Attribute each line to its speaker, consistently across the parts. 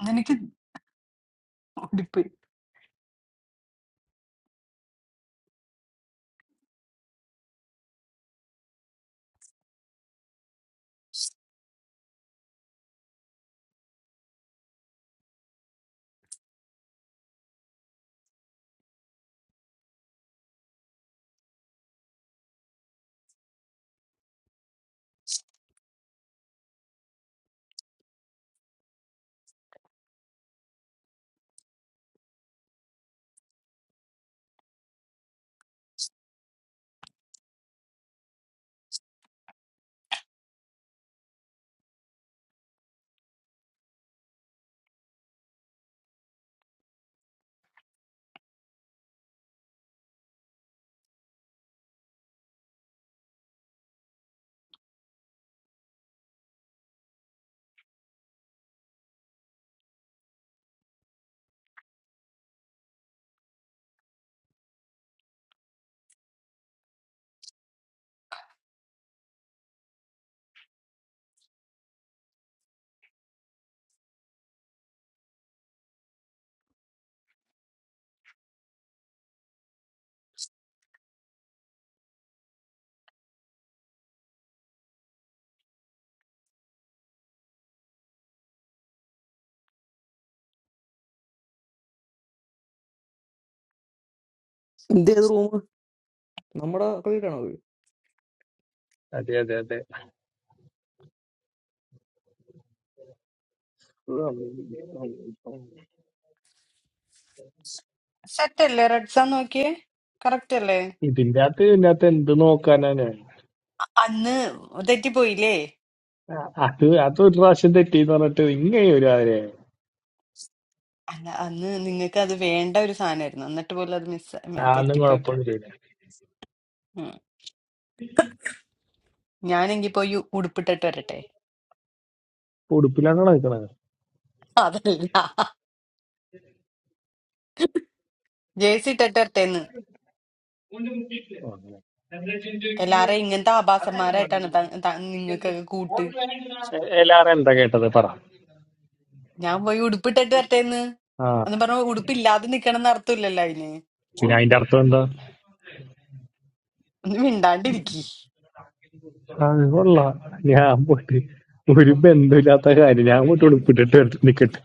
Speaker 1: അതെനിക്ക് ഓടിപ്പോയി
Speaker 2: ഇതേത് റൂം നമ്മുടെ ക്രെഡിറ്റ് ആണോ ഇത്?
Speaker 3: അതെ അതെ അതെ ഉം, ഉം, ഉം.
Speaker 1: സെറ്റ് അല്ലേ റെഡ്സാ നോക്കിയേ കറക്റ്റ് അല്ലേ
Speaker 3: ഇതിന്റെ അകത്ത് ഇതിന്റെ അകത്ത് എന്ത് നോക്കാനാണ്
Speaker 1: അ- അന്ന് തെറ്റിപ്പോയില്ലേ
Speaker 3: അ- അത് അത് ഒരു പ്രാവശ്യം തെറ്റിന്ന് പറഞ്ഞിട്ട് ഇങ്ങനെ ഒരു ആരെ
Speaker 1: അല്ല അന്ന് നിങ്ങൾക്ക് അത് വേണ്ട ഒരു സാധനമായിരുന്നു എന്നിട്ട് പോലും അത് മിസ്
Speaker 3: ആന്നും
Speaker 1: തെറ്റിപ്പോയപ്പോ
Speaker 3: കുഴപ്പമൊന്നുമില്ല
Speaker 1: ഉം. ഞാനെങ്കി പോയി ഉടുപ്പിട്ടിട്ട് വരട്ടെ
Speaker 3: ഉടുപ്പിലാണ് നടക്കണത്
Speaker 1: അതല്ല ജേഴ്സി ഇട്ടിട്ട് വരട്ടെ എന്ന്
Speaker 3: അങ്ങനെ.
Speaker 1: എല്ലാരെയും ഇങ്ങനത്തെ ആഭാസന്മാരായിട്ടാണ് ത- ത- നിങ്ങൾക്കൊക്കെ കൂട്ട്
Speaker 3: എ- എല്ലാരും എന്താ കേട്ടത് പറ
Speaker 1: ഞാൻ പോയി ഉടുപ്പിട്ടിട്ട് വരട്ടെ എന്ന്
Speaker 3: ആ
Speaker 1: എന്ന് പറഞ്ഞ ഉടുപ്പില്ലാതെ നിക്കണം എന്ന് അർത്ഥമില്ലല്ലോ അതിന്
Speaker 3: പിന്നെ അതിന്റെ അർത്ഥം എന്താ
Speaker 1: ഒന്ന് മിണ്ടാണ്ടിരിക്കി
Speaker 3: അത് കൊള്ളാം ഞാൻ പോയിട്ട് ഒരു ബന്ധമില്ലാത്ത കാര്യം ഞാൻ പോയിട്ട് ഉടുപ്പിട്ടിട്ട് എടുത്ത് നിക്കട്ടെ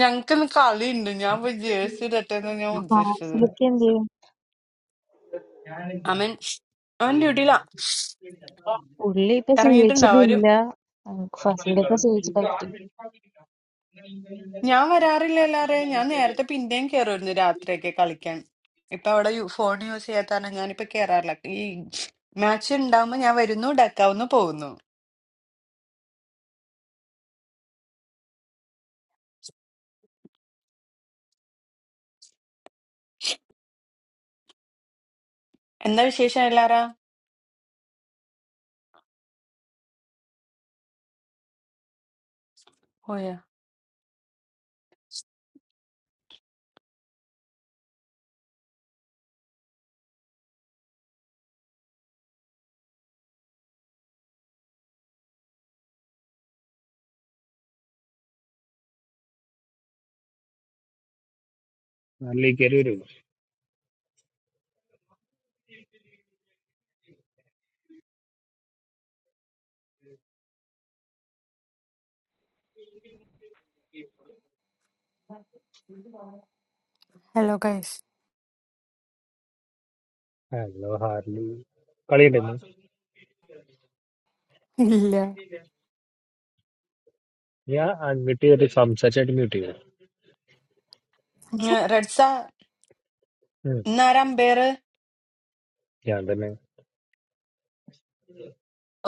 Speaker 1: ഞങ്ങൾക്ക് ഇന്ന് കളിയുണ്ട് ഞാൻ പോയി ജേഴ്സി ഇടട്ടെന്ന് ഞാൻ ഉദ്ദേശിച്ചത്
Speaker 4: മാംസലിക്ക് എന്ത് ചെയ്യും?
Speaker 1: അവൻ അവൻ ഡ്യൂട്ടിയിലാ
Speaker 4: പുള്ളി ഇപ്പൊ
Speaker 1: ഇറങ്ങിയിട്ടുണ്ടാവും അവരും
Speaker 4: ജീവിച്ചിട്ടില്ല. ഫസിലിപ്പൊ ജീവിച്ചിട്ടൊക്കെ
Speaker 1: ഞാൻ വരാറില്ല എല്ലാരെയും ഞാൻ നേരത്തെ പിന്നെയും കയറുമായിരുന്നു രാത്രിയൊക്കെ കളിക്കാൻ ഇപ്പൊ അവിടെ ഫോൺ യൂസ് ചെയ്യാത്ത കാരണം ഞാനിപ്പോ കേറാറില്ല ഈ മാച്ച് ഉണ്ടാവുമ്പോ ഞാൻ വരുന്നു ഡക്കാവുന്നു പോകുന്നു എന്താ വിശേഷം എല്ലാരാ പോയാ
Speaker 3: ഹാർലി കയറി വരുള്ളൂ
Speaker 5: Hello, guys.
Speaker 3: ഹലോ ഹാർലി കളിയുണ്ടായിരുന്നു
Speaker 5: Hello.
Speaker 3: ഞാൻ അൺമ്യൂട്ട് ചെയ്തിട്ട് സംസാരിച്ചായിട്ട് മ്യൂട്ട് ചെയ്തു
Speaker 1: റെഡ്സ
Speaker 3: ഉം.
Speaker 1: ഇന്നാരാ അമ്പയർ
Speaker 3: ഞാൻ തന്നെ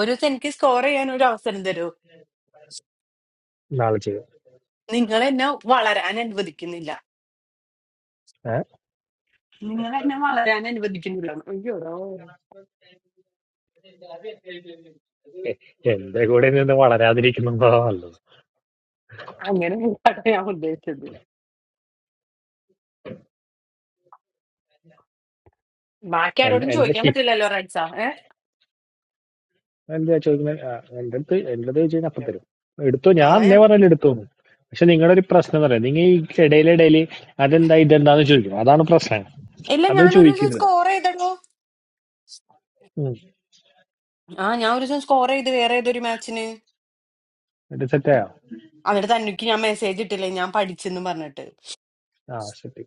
Speaker 1: ഒരു ദിവസം എനിക്ക് സ്കോർ ചെയ്യാൻ ഒരു അവസരം തരൂ
Speaker 3: നാളെ ചെയ്തു
Speaker 1: നിങ്ങൾ എന്നെ വളരാൻ അനുവദിക്കുന്നില്ല
Speaker 3: ഏ?
Speaker 1: നിങ്ങൾ എന്നെ വളരാൻ അനുവദിക്കുന്നില്ല അയ്യോ
Speaker 3: എ- എന്റെ കൂടെ നിന്ന് വളരാതിരിക്കുന്നുണ്ടോ നല്ലത്
Speaker 1: അങ്ങനെ അല്ലാട്ടോ ഞാൻ ഉദ്ദേശിച്ചത് ബാക്കി
Speaker 3: എന്റെ
Speaker 1: ആരോടും
Speaker 3: എന്റെ
Speaker 1: ചോദിക്കാൻ
Speaker 3: ഫീ-
Speaker 1: പറ്റില്ലല്ലോ റൈറ്റ്സ ഏ
Speaker 3: എന്താ ചോദിക്കുന്നത് ആ, എന്റെ അടുത്ത് എന്റെ അടുത്ത് ചോദിച്ചാൽ അപ്പം തരും എടുത്തു ഞാൻ
Speaker 1: അതാ
Speaker 3: അന്നേ
Speaker 1: ഞാൻ
Speaker 3: പറഞ്ഞാലും എടുത്തോന്നു പക്ഷെ നിങ്ങളുടെ ഒരു പ്രശ്നം എന്ന് പറയാം നിങ്ങൾ ഈ ഇടയിലിടയിൽ അതെന്താ ഇതെന്താന്ന് ചോദിക്കും അതാണ് പ്രശ്നം
Speaker 1: ഇല്ല
Speaker 3: അത്
Speaker 1: ഞാൻ ഒരു ദിവസം
Speaker 3: ചോദിക്കരുത്
Speaker 1: സ്കോർ ചെയ്തടോ
Speaker 3: ഉം.
Speaker 1: ആ ഞാൻ ഒരു ദിവസം സ്കോർ ചെയ്ത് വേറെ ഏതൊരു മാച്ചിന്
Speaker 3: എന്നിട്ട് സെറ്റായോ
Speaker 1: എന്നിട്ട് തന്നിക്ക് ഞാൻ മെസ്സേജ് ഇട്ടില്ലേ ഞാൻ പഠിച്ചെന്ന് പറഞ്ഞിട്ട്
Speaker 3: ആ സെറ്റ്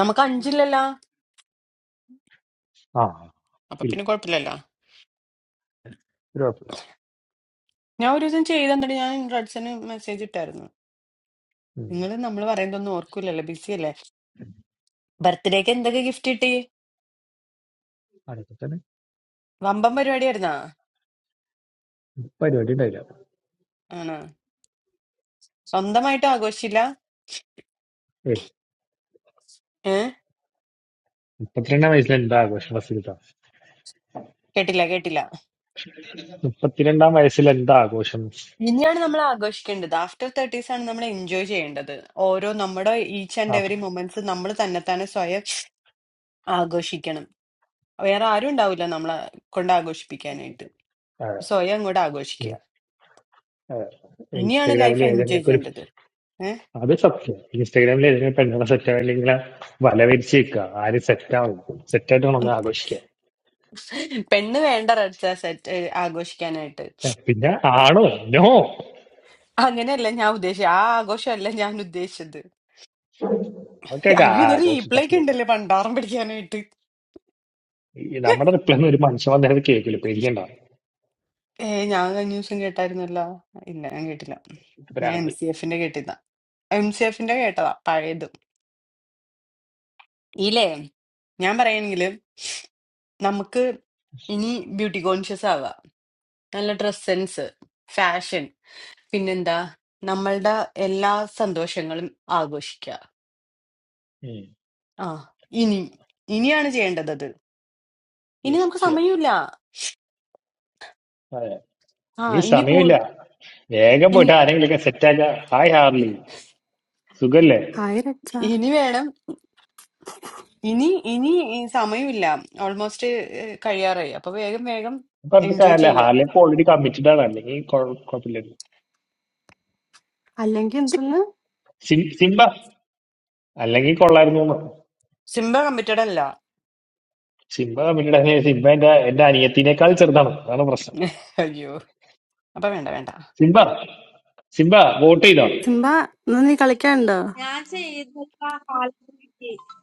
Speaker 1: നമുക്ക് അഞ്ചില്ലല്ലോ
Speaker 3: ആ
Speaker 1: അപ്പൊ
Speaker 3: ഇല്ല
Speaker 1: പിന്നെ കുഴപ്പമില്ലല്ലോ
Speaker 3: ഒരു
Speaker 1: ഞാൻ ഒരു ദിവസം ചെയ്തെന്നിട്ട് ഞാൻ റഡ്സന് മെസ്സേജ് ഇട്ടായിരുന്നു നിങ്ങൾ
Speaker 3: കുഴപ്പമില്ല
Speaker 1: നമ്മൾ പറയുന്നതൊന്നും ഓർക്കൂലല്ലോ ബിസി അല്ലേ ബർത്ത്ഡേക്ക് എന്തൊക്കെ ഗിഫ്റ്റ് കിട്ടി വമ്പൻ പരിപാടിയായിരുന്നാ
Speaker 3: പരിപാടി ഉണ്ടായില്ല
Speaker 1: ആണ് സ്വന്തമായിട്ട് ആഘോഷിച്ചില്ല
Speaker 3: ഏയ്
Speaker 1: ഏ
Speaker 3: മുപ്പത്തിരണ്ടാം വയസ്സിൽ എന്താ ആഘോഷം ഫസിലിത്ത
Speaker 1: കേട്ടില്ല കേട്ടില്ല
Speaker 3: മുപ്പത്തിരണ്ടാം വയസ്സിൽ എന്താ ആഘോഷം
Speaker 1: ഇനിയാണ് നമ്മൾ ആഘോഷിക്കേണ്ടത് ആഫ്റ്റർ തേർട്ടീസ് ആണ് നമ്മൾ എൻജോയ് ചെയ്യേണ്ടത് ഓരോ നമ്മുടെ ഈച്ച്
Speaker 3: ആ,
Speaker 1: ആൻഡ് എവറി മൊമെന്റ്സ് നമ്മൾ തന്നെത്താനെ സ്വയം ആഘോഷിക്കണം വേറെ ആരും ഉണ്ടാവില്ല നമ്മളെ കൊണ്ട് ആഘോഷിപ്പിക്കാനായിട്ട്
Speaker 3: അതെ.
Speaker 1: സ്വയം അങ്ങോട്ട് ആഘോഷിക്കുക
Speaker 3: ഉം, അതെ.
Speaker 1: ഇനിയാണ്
Speaker 3: ഇൻസ്റ്റാഗ്രാമിൽ
Speaker 1: ലൈഫ് എൻജോയ്
Speaker 3: ഏതെങ്കിലുമൊക്കെ ഒരു
Speaker 1: ചെയ്യേണ്ടത് ഏഹ്?
Speaker 3: അത് സത്യം ഇൻസ്റ്റാഗ്രാമിൽ ഏതെങ്കിലും പെണ്ണുകളെ സെറ്റ് ആവില്ലെങ്കിൽ വല വിരിച്ച് നിൽക്കുക ആരും സെറ്റ് ആവും സെറ്റ് ആയിട്ട് വേണം ഒന്ന്
Speaker 1: ഉം.
Speaker 3: ആഘോഷിക്കുക
Speaker 1: പെണ്ണ് വേണ്ട റെഡ്സ സെറ്റ് ആഘോഷിക്കാനായിട്ട്
Speaker 3: ഏ, പിന്നെ ആണോ നോ
Speaker 1: അങ്ങനെയല്ല ഞാൻ ഉദ്ദേശിച്ചത് ആ ആഘോഷമല്ല ഞാൻ ഉദ്ദേശിച്ചത്
Speaker 3: ഒക്കെ
Speaker 1: അയ്യോ ഇതൊരു
Speaker 3: ആഘോഷം
Speaker 1: റീപ്ലേക്ക്
Speaker 3: ഫസിലിത്ത
Speaker 1: ഉണ്ടല്ലേ പണ്ടാറം പിടിക്കാനായിട്ട്
Speaker 3: ഈ നമ്മുടെ റിപ്ലൈ ഒന്നും ഒരു മനുഷ്യൻ വന്നിട്ട് കേൾക്കില്ല പേടിക്കണ്ട
Speaker 1: ഏ ഞാൻ കഴിഞ്ഞ ദിവസം കേട്ടായിരുന്നല്ലോ ഇല്ല ഞാൻ കേട്ടില്ല ഞാൻ
Speaker 3: ഭ്രാന്ത്
Speaker 1: എം സി എഫിന്റെ കേട്ടില്ല എം സി എഫിന്റെ കേട്ടതാ പഴയതും ഇല്ലേ ഞാൻ പറയുകയാണെങ്കിൽ നമുക്ക് ഇനി ബ്യൂട്ടി കോൺഷ്യസ് ആവുക നല്ല ഡ്രസ് സെൻസ് ഫാഷൻ പിന്നെന്താ നമ്മളുടെ എല്ലാ സന്തോഷങ്ങളും ആഘോഷിക്കുക
Speaker 3: ഉം.
Speaker 1: ആ ഇനി ഇനിയാണ് ചെയ്യേണ്ടത് അത് ഇനി
Speaker 3: Yes,
Speaker 1: നമുക്ക്
Speaker 3: ചെയ്യാം
Speaker 1: സമയമില്ല
Speaker 3: അതെ.
Speaker 1: ആ
Speaker 3: ഇനി
Speaker 1: ഇനി കൂ
Speaker 3: സമയമില്ല വേഗം
Speaker 1: ഇനി
Speaker 3: പോയിട്ട് ആരെങ്കിലുമൊക്കെ സെറ്റ് ആക്കുക ഹായ് ഹാർലി സുഖല്ലേ
Speaker 5: Hi, Rachha.
Speaker 1: ഇനി വേണം ഇനി ഇനി ഈ സമയമില്ല ഓൾമോസ്റ്റ് കഴിയാറായി അപ്പൊ വേഗം വേഗം
Speaker 3: അപ്പൊ പറഞ്ഞിട്ട്
Speaker 1: എൻജോയ്
Speaker 3: കാര്യമില്ല
Speaker 1: ചെയ്യുക
Speaker 3: ഹാലെ ഇപ്പൊ ഓൾറെഡി കമ്മിറ്റഡ് ആണ് അല്ലെങ്കിൽ കുഴപ്പമില്ലായിരുന്നു
Speaker 5: How are you? I'm doing good.
Speaker 3: സിം- സിംബ അല്ലെങ്കിൽ കൊള്ളായിരുന്നു എന്ന്.
Speaker 1: സിംബ കമ്മിറ്റഡ് അല്ല
Speaker 3: സിംബ കമ്മിറ്റഡ് ആണ് സിംബ എന്റെ എന്റെ അനിയത്തിനേക്കാൾ ചെറുതാണ് അതാണ് പ്രശ്നം
Speaker 1: അയ്യോ അപ്പൊ വേണ്ട വേണ്ട
Speaker 3: സിംബ സിംബ വോട്ട് ചെയ്തോ
Speaker 5: How about you? I'm doing well.
Speaker 6: I see that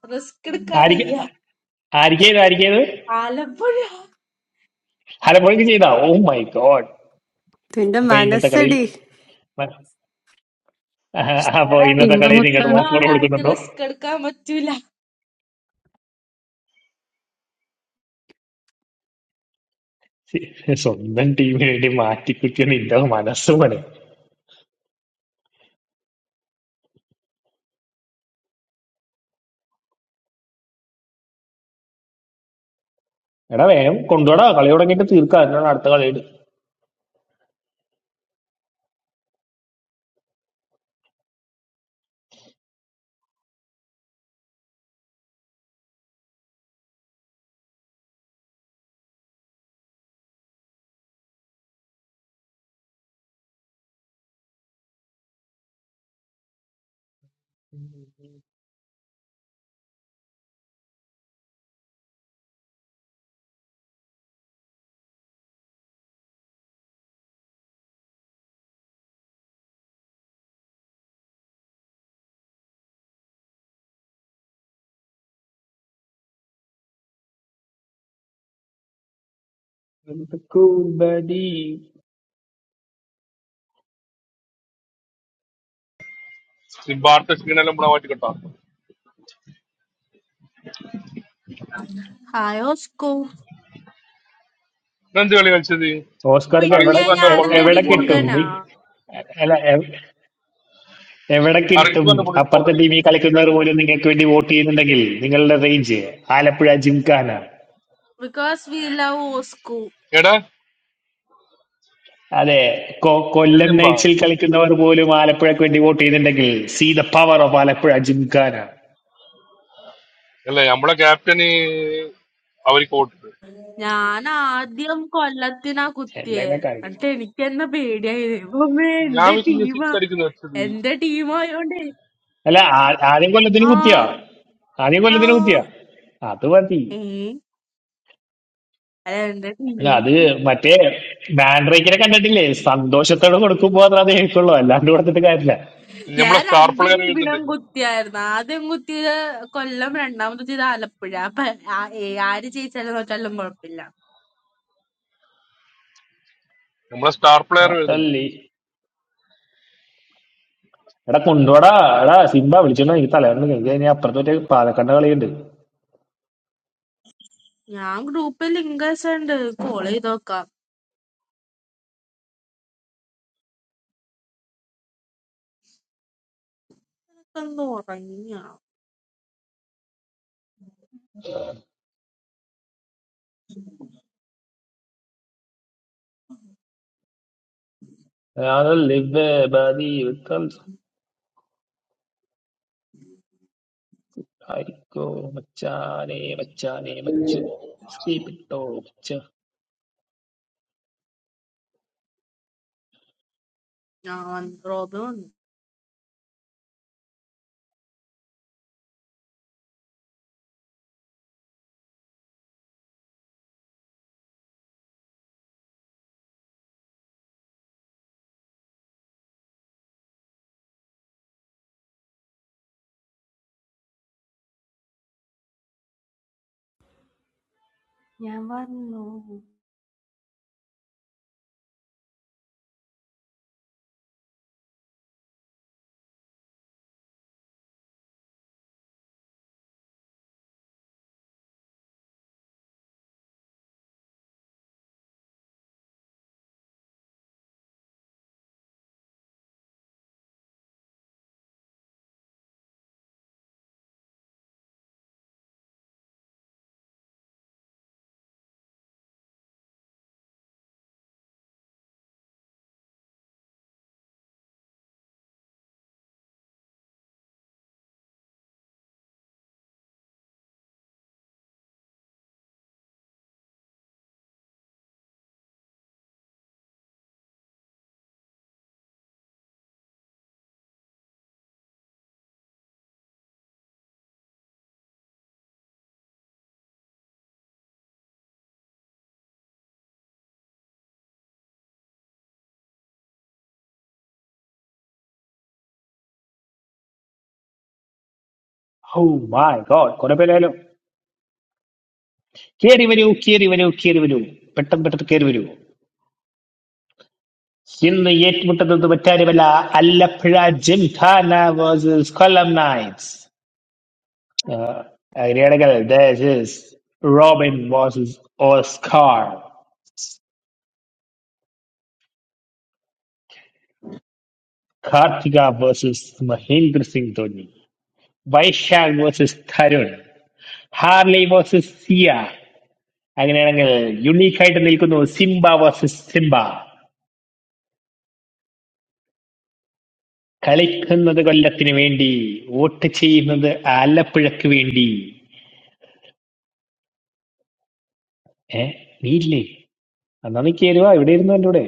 Speaker 6: the color
Speaker 3: ആരിക്ക
Speaker 6: is red.
Speaker 3: ആരിക്കേത് ആരിക്കേത്
Speaker 6: Color, my dear.
Speaker 3: ഹലപ്പുഴക്ക് ചെയ്താ oh my god
Speaker 5: What are you
Speaker 3: അപ്പൊ
Speaker 5: doing
Speaker 3: ഇന്നത്തെ കളിയിൽ
Speaker 5: today?
Speaker 3: അപ്പൊ
Speaker 6: Our
Speaker 3: ഇന്നത്തെ
Speaker 7: In
Speaker 3: കളിയിൽ
Speaker 7: both,
Speaker 3: നിങ്ങൾ
Speaker 7: I
Speaker 6: team,
Speaker 7: know.
Speaker 3: Offer
Speaker 6: our red. Red
Speaker 3: കൊടുക്കുന്നുണ്ടോ
Speaker 6: team. Our red team.
Speaker 3: സി- സ്വന്തം ടീമിന് വേണ്ടി മാറ്റിക്കുറ്റിയ നിന്റെ മനസ്സുമനെ എടാ വേഗം കൊണ്ടുപോടാ കളി തുടങ്ങിയിട്ട് തീർക്കാം എന്നാണ് അടുത്ത കളി
Speaker 8: സിബാർട്ട ക്ഷീണെല്ലാം കൂടെ മാറ്റി കിട്ടാം
Speaker 6: Let's go. I love
Speaker 8: ഇന്നെന്ത് കളി കളിച്ചത്
Speaker 3: ഓസ്കാർക്ക് എവിടെ
Speaker 8: അറിസ്ബാന്റെ
Speaker 3: എ-
Speaker 8: ബോളിനെ പോയി
Speaker 3: എവിടെ
Speaker 8: ഫോർ
Speaker 6: you, my
Speaker 3: കിട്ടും
Speaker 8: അടിക്കുന്നു
Speaker 3: നീ
Speaker 6: dear.
Speaker 3: അല്ല എ- എവിടെ കിട്ടും
Speaker 8: അറിസ്ബാന്റെ ബോളിൽ ഫോർ
Speaker 3: അപ്പുറത്തെ
Speaker 8: അടിക്കും
Speaker 3: ടീമിൽ
Speaker 8: സിക്സ്
Speaker 3: കളിക്കുന്നവർ
Speaker 8: വെക്കില്ല
Speaker 3: പോലും നിങ്ങൾക്ക് വേണ്ടി വോട്ട് ചെയ്യുന്നുണ്ടെങ്കിൽ നിങ്ങളുടെ range Alappuzha Gymkhana
Speaker 6: Because we love Osco.
Speaker 8: എടാ
Speaker 3: അതെ കൊ- കൊല്ലം
Speaker 8: ജസിംബ
Speaker 3: നൈറ്റ്സിൽ കളിക്കുന്നവർ പോലും ആലപ്പുഴക്ക് വേണ്ടി വോട്ട് ചെയ്യുന്നുണ്ടെങ്കിൽ see the power of Alappuzha Gymkhana
Speaker 8: അല്ലേ നമ്മളെ ക്യാപ്റ്റന് അവർക്ക് വോട്ടിട്ട്
Speaker 6: I am the most loyal dog. What
Speaker 3: എന്തെങ്കിലും കാര്യം
Speaker 6: kind of bed is it? What
Speaker 8: ഞാൻ വെച്ച്
Speaker 6: team?
Speaker 8: സിക്സ്
Speaker 6: What
Speaker 8: അടിക്കുന്ന വെച്ചത്
Speaker 6: team? What team?
Speaker 3: അല്ല ആ- ആദ്യം കൊല്ലത്തിന് കുത്തിയാ ആദ്യം കൊല്ലത്തിന് കുത്തിയാ അത് മതി
Speaker 6: Yes. Yes. Yes.
Speaker 3: അല്ല
Speaker 6: What
Speaker 3: അത് മറ്റേ ബാൻഡ്രേക്കിനെ കണ്ടിട്ടില്ലേ സന്തോഷത്തോടെ കൊടുക്കുമ്പോ അത്ര
Speaker 6: team?
Speaker 3: അത് കേൾക്കുള്ളൂ അല്ലാണ്ട് കൊടുത്തിട്ട് കാര്യമില്ല
Speaker 8: നമ്മളെ
Speaker 6: Yeah,
Speaker 8: star
Speaker 6: I'm
Speaker 8: player
Speaker 6: really feeling
Speaker 8: എഴുതുന്നുണ്ട്
Speaker 6: good today. And I'm feeling good today. Call them and I'm just feeling a little bit. But I, I already changed a lot of my life.
Speaker 8: നമ്മളെ star
Speaker 3: ആ,
Speaker 8: player എഴുതുന്നുണ്ട്
Speaker 3: അല്ലേ എടാ കൊണ്ടുപോടാ എടാ Simba വിളിച്ചോണ്ട് വാ, എനിക്ക് തലവേദന എടുക്കുന്നു. എനിക്ക് ഇനി അപ്പുറത്ത് മറ്റേ പാലക്കാട് കളിയുണ്ട്
Speaker 6: Yeah, I'm doing something called the cup. I'm doing something.
Speaker 3: അതല്ലേ ബേ ബാദി വിക്കൽ ആയിക്കോ മച്ചാനെ മച്ചാനെ മച്ചു escape ഇട്ടോ മച്ച
Speaker 6: Yeah, I'm doing something.
Speaker 9: I don't know.
Speaker 3: Oh my god കുറെ പേരായാലോ കേറി വരൂ കേറി വരൂ കേറി വരൂ പെട്ടെന്ന് പെട്ടെന്ന് കേറി വരൂ ഇന്ന് ഏറ്റുമുട്ടുന്നത് മറ്റാരുമല്ല അല്ലപ്പുഴ ജിംഖാന വേഴ്സസ് കൊല്ലം നൈറ്റ്സ് അങ്ങനെയാണെങ്കിൽ this is Robin versus Oscar Karthika versus Mahendra Singh Dhoni, Vaishak versus Tarun, Harley versus Siya അങ്ങനെയാണെങ്കിൽ യുണീക്ക് ആയിട്ട് നിൽക്കുന്നു സിംബ വേഴ്സസ് സിംബ കളിക്കുന്നത് കൊല്ലത്തിന് വേണ്ടി വോട്ട് ചെയ്യുന്നത് ആലപ്പുഴക്ക് വേണ്ടി ഏ നീയില്ലേ എന്നാ നീ കയറുക ഇവിടെ ഇരുന്നു എൻ്റെ കൂടെ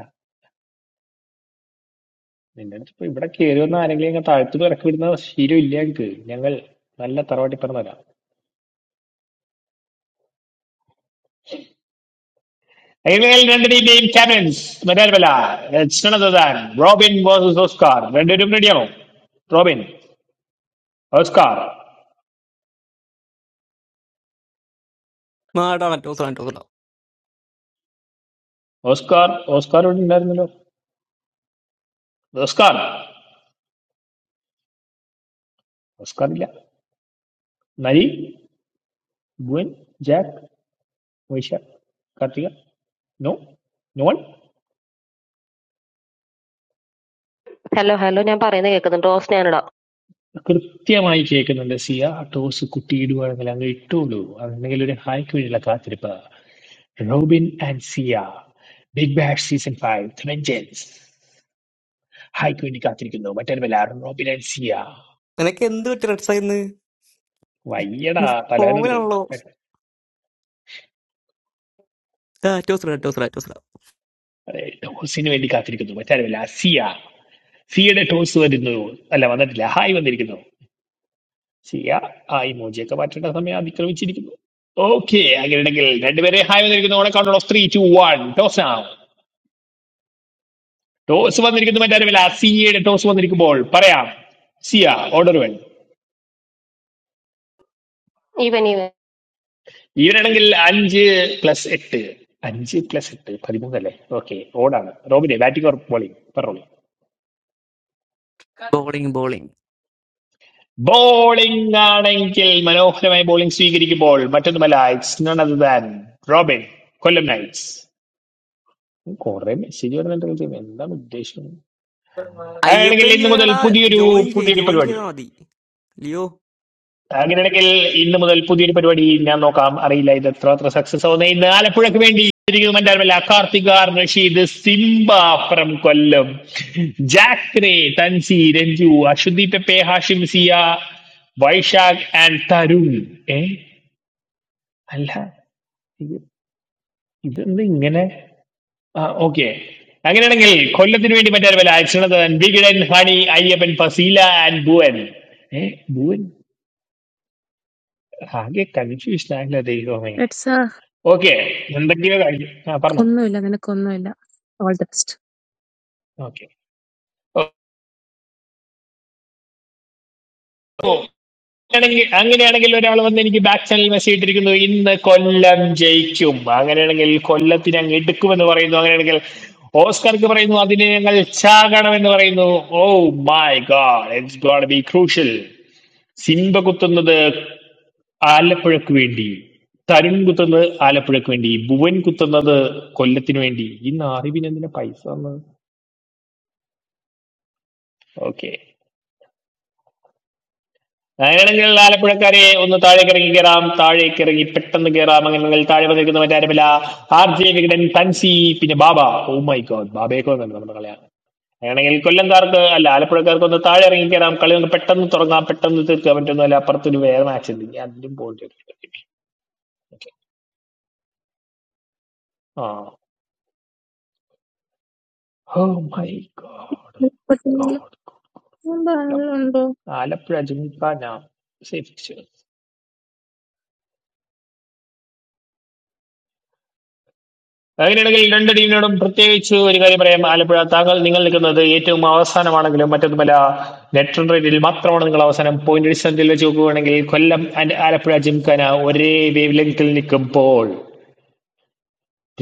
Speaker 3: ആ, നിന്റെ അടുത്ത് ഇപ്പൊ ഇവിടെ കയറുമെന്ന് ആരെങ്കിലും അങ്ങ് താഴ്ത്തു ഇറക്കി വിടുന്ന ശീലം ഇല്ല ഞങ്ങൾക്ക് ഞങ്ങൾ നല്ല തറവാട്ടി പറഞ്ഞതാ അയൽവകൾ രണ്ടിനെയും ക്യാപ്റ്റൻസ് മറ്റാരുമല്ല ലക്ഷണതാൻ റോബിൻ വേഴ്സസ് ഓസ്കാർ രണ്ടുപേരും റെഡിയാണോ റോബിൻ ഓസ്കാർ
Speaker 2: ആടാ അറ്റോസ് അറ്റോസ്
Speaker 3: ഓസ്കാർ ഓസ്കാർ ഇവിടെ ഉണ്ടായിരുന്നല്ലോ ഓസ്കാർ ഓസ്കാർ ഇല്ല നരി ബുവൻ ജാക്ക് വൈശ കാർത്തിക നോ നോൺ
Speaker 10: ഹലോ ഹലോ ഞാൻ പറയുന്നത് കേൾക്കുന്നുണ്ട് റോസ്നയാണിടാ
Speaker 3: കൃത്യമായി കേൾക്കുന്നുണ്ട് സിയ ടോസ് കുട്ടിയിടുവാണെങ്കിൽ അങ്ങ് ഇട്ടോളൂ അല്ലെങ്കിൽ ഒരു ഹായ്ക്ക് വേണ്ടിയുള്ള കാത്തിരിപ്പ് Robin and Siya Big Bash season five vengeance ഹായ്ക്ക് വേണ്ടി കാത്തിരിക്കുന്നു മറ്റൊരു ബലാറോ റോബിനൻസിയ
Speaker 2: നിനക്ക് എന്ത് പറ്റി റെഡ് സൈന്ന്
Speaker 3: വയ്യടാ തലവനുണ്ട്
Speaker 2: ഫോമിലാണല്ലോ അറ്റോസ് അറ്റോസ് അറ്റോസ്
Speaker 3: അതെ ടോസിന് വേണ്ടി കാത്തിരിക്കുന്നു മറ്റൊരു ബല സിയ സിയുടെ ടോസ് വരുന്നു അല്ല വന്നിട്ടില്ല ഹായ് വന്നിരിക്കുന്നു സിയ ആ ഇമോജിയൊക്കെ മാറ്റേണ്ട സമയം അതിക്രമിച്ചിരിക്കുന്നു ഓക്കെ അങ്ങനെയാണെങ്കിൽ രണ്ടുപേരെ ഹായ് വന്നിരിക്കുന്നു on count of three two one toss ആണ് ടോസ് വന്നിരിക്കുന്നു മറ്റൊരു ബല സിയയുടെ ടോസ് വന്നിരിക്കുമ്പോൾ പറയാം സിയ ഓർഡർ വേണം
Speaker 10: ഇവൻ ഇവൻ
Speaker 3: ഇവനാണെങ്കിൽ അഞ്ച് പ്ലസ് എട്ട് അഞ്ച് പ്ലസ് എട്ട് പതിമൂന്നല്ലേ ഓക്കെ ഓടാണ് റോബിനെ ബാറ്റിംഗ് ഓർ ബോളിംഗ് പറഞ്ഞോളൂ
Speaker 2: ബോളിംഗ് ബോളിംഗ്
Speaker 3: ബോളിംഗ് ആണെങ്കിൽ മനോഹരമായ ബോളിംഗ് സ്വീകരിക്കുമ്പോൾ മറ്റൊന്നുമല്ല it's none other than Robin Kollam Knights കുറെ മെസ്സേജ് വരുന്നുണ്ട് ഇതിൽ. എന്താണ് ഉദ്ദേശം അങ്ങനെയാണെങ്കിൽ
Speaker 2: അയ്യപ്പൻ
Speaker 3: ഇന്ന് മുതൽ
Speaker 2: ലിയോടാ
Speaker 3: പുതിയൊരു
Speaker 2: ജോയിൻ ചെയ്
Speaker 3: പുതിയൊരു
Speaker 2: ജോയിൻ
Speaker 3: പരിപാടി
Speaker 2: ചെയ്താ മതി ലിയോ
Speaker 3: അങ്ങനെയാണെങ്കിൽ ഇന്ന് മുതൽ പുതിയൊരു പരിപാടി ഞാൻ നോക്കാം അറിയില്ല ഇത് എത്രമാത്രം സക്സസ് ആവുന്ന ഇന്ന് ആലപ്പുഴക്ക് വേണ്ടി ഇരിക്കുന്നത് മറ്റാരുമല്ല Karthik R Rasheed Simba from Kollam ജാക്രേ തൻസി രഞ്ജു അശ്വതി പെപ്പെ ഹാഷിം സിയ വൈശാഖ് ആൻഡ് തരുൺ ഏ അല്ല ഇത് ഇതെന്ത് ഇങ്ങനെ ആ ഓക്കെ അങ്ങനെയാണെങ്കിൽ കൊല്ലത്തിന് വേണ്ടി മറ്റാരുമല്ല അച്ഛനന്ദൻ വികിടൻ ഹണി അയ്യപ്പൻ ഫസീല ആൻഡ് ഭുവൻ ഏ ഭുവൻ ആകെ കൺഫ്യൂഷൻ ആയില്ല ദൈവമേ
Speaker 7: That's a
Speaker 3: ഓക്കെ എന്തൊക്കെയോ കാര്യം ആ പറഞ്ഞോ
Speaker 7: good no. I did not good no. All the best.
Speaker 3: Okay അങ്ങനെയാണെങ്കിൽ അങ്ങനെയാണെങ്കിൽ ഒരാൾ വന്ന് എനിക്ക് ബാക്ക് ചാനൽ മെസ്സേജ് ഇട്ടിരിക്കുന്നു ഇന്ന് കൊല്ലം ജയിക്കും അങ്ങനെയാണെങ്കിൽ കൊല്ലത്തിന് അങ്ങ് എടുക്കുമെന്ന് പറയുന്നു അങ്ങനെയാണെങ്കിൽ ഓസ്കർക്ക് പറയുന്നു അതിനെ ഞങ്ങൾ ചാകണമെന്ന് പറയുന്നു oh my god it's gonna be crucial Simba കുത്തുന്നത് ആലപ്പുഴക്ക് വേണ്ടി തരുൺ കുത്തുന്നത് ആലപ്പുഴക്ക് വേണ്ടി ഭുവൻ കുത്തുന്നത് കൊല്ലത്തിന് വേണ്ടി ഇന്ന് അറിവിന് എന്തിനാ പൈസ വന്നത് ഓക്കെ അങ്ങനെയാണെങ്കിൽ ആലപ്പുഴക്കാരെ ഒന്ന് താഴേക്ക് ഇറങ്ങി കയറാം താഴേക്ക് ഇറങ്ങി പെട്ടെന്ന് കയറാം അങ്ങനെയാണെങ്കിൽ താഴെ വന്ന് നിൽക്കുന്ന മറ്റാരുമില്ല ആർ ജെ വികടൻ തൻസി പിന്നെ ബാബ ഓ മൈ ഗോഡ് ബാബയൊക്കെ വന്നിട്ടുണ്ട് നമ്മുടെ കളിയാണ് അങ്ങനെയാണെങ്കിൽ കൊല്ലംകാർക്ക് അല്ല ആലപ്പുഴക്കാർക്ക് ഒന്ന് താഴെ ഇറങ്ങി കയറാം കളി ഒന്ന് പെട്ടെന്ന് തുടങ്ങാം പെട്ടെന്ന് തീർക്കാൻ പറ്റുന്നതല്ല അപ്പുറത്തൊരു വേറെ മാച്ച് ഉണ്ടെങ്കിൽ അതിലും പോയിട്ട് ആ oh my god
Speaker 7: What is it?
Speaker 3: God Kollam
Speaker 7: What
Speaker 3: Alappuzha Gymkhana safe അതിനിടയിൽ രണ്ട് ടീമിനോടും പ്രത്യേകിച്ച് ഒരു കാര്യം പറയാം ആലപ്പുഴ താങ്കൾ നിങ്ങൾ നിൽക്കുന്നത് ഏറ്റവും അവസാനമാണെങ്കിലും മറ്റൊന്നുമല്ല നെറ്റ് റൺ റേറ്റിൽ മാത്രമാണ് നിങ്ങൾ അവസാനം പോയിന്റ് അടിസ്ഥാനത്തിൽ വെച്ച് നോക്കുകയാണെങ്കിൽ കൊല്ലം ആൻഡ് ആലപ്പുഴ ജിംഖാന ഒരേ വേവ് ലെങ്തിൽ നിൽക്കുമ്പോൾ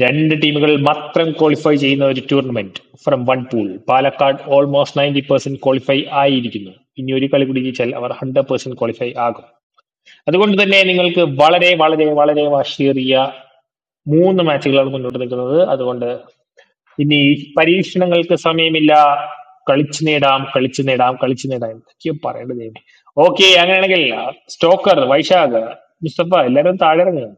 Speaker 3: രണ്ട് ടീമുകൾ മാത്രം ക്വാളിഫൈ ചെയ്യുന്ന ഒരു tournament from one pool Palakkad almost ninety percent qualify ആയിരിക്കുന്നു ഇനി ഒരു കളി കൂടി ജയിച്ചാൽ അവർ ഹൺഡ്രഡ് പെർസെന്റ് ക്വാളിഫൈ ആകും അതുകൊണ്ട് തന്നെ നിങ്ങൾക്ക് വളരെ വളരെ വളരെ വാശിയേറിയ മൂന്ന് മാച്ചുകളാണ് മുന്നോട്ട് നിൽക്കുന്നത് അതുകൊണ്ട് പിന്നെ ഈ പരീക്ഷണങ്ങൾക്ക് സമയമില്ല കളിച്ചു നേടാം കളിച്ചു നേടാം കളിച്ചു നേടാം എന്തൊക്കെയോ പറയേണ്ടത് ദൈവമേ ഓക്കെ അങ്ങനെയാണെങ്കിൽ സ്റ്റോക്കർ വൈശാഖ് മുസ്തഫ എല്ലാരും താഴെ ഇറങ്ങുക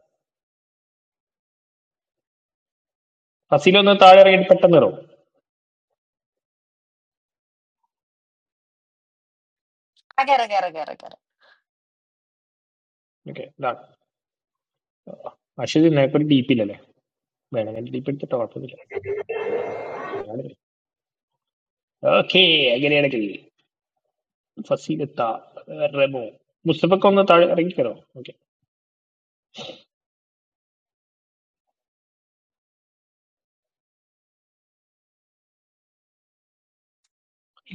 Speaker 3: ഫസീൽ ഒന്ന് താഴെ ഇറങ്ങിയിട്ട് പെട്ടെന്ന് ഇറങ്ങും ഓക്കെ അശ്വതി നിനക്കൊരു ഡി പി ഇല്ലല്ലേ വേണമെങ്കിൽ ഡി പി എടുത്തിട്ട് കുഴപ്പമൊന്നുമില്ല ഓക്കെ അങ്ങനെയാണെങ്കിൽ ഫസീൽ എത്താ റെമോ മുസ്തഫക്ക് ഒന്ന് താഴെ ഇറങ്ങിക്കരോ ഓക്കെ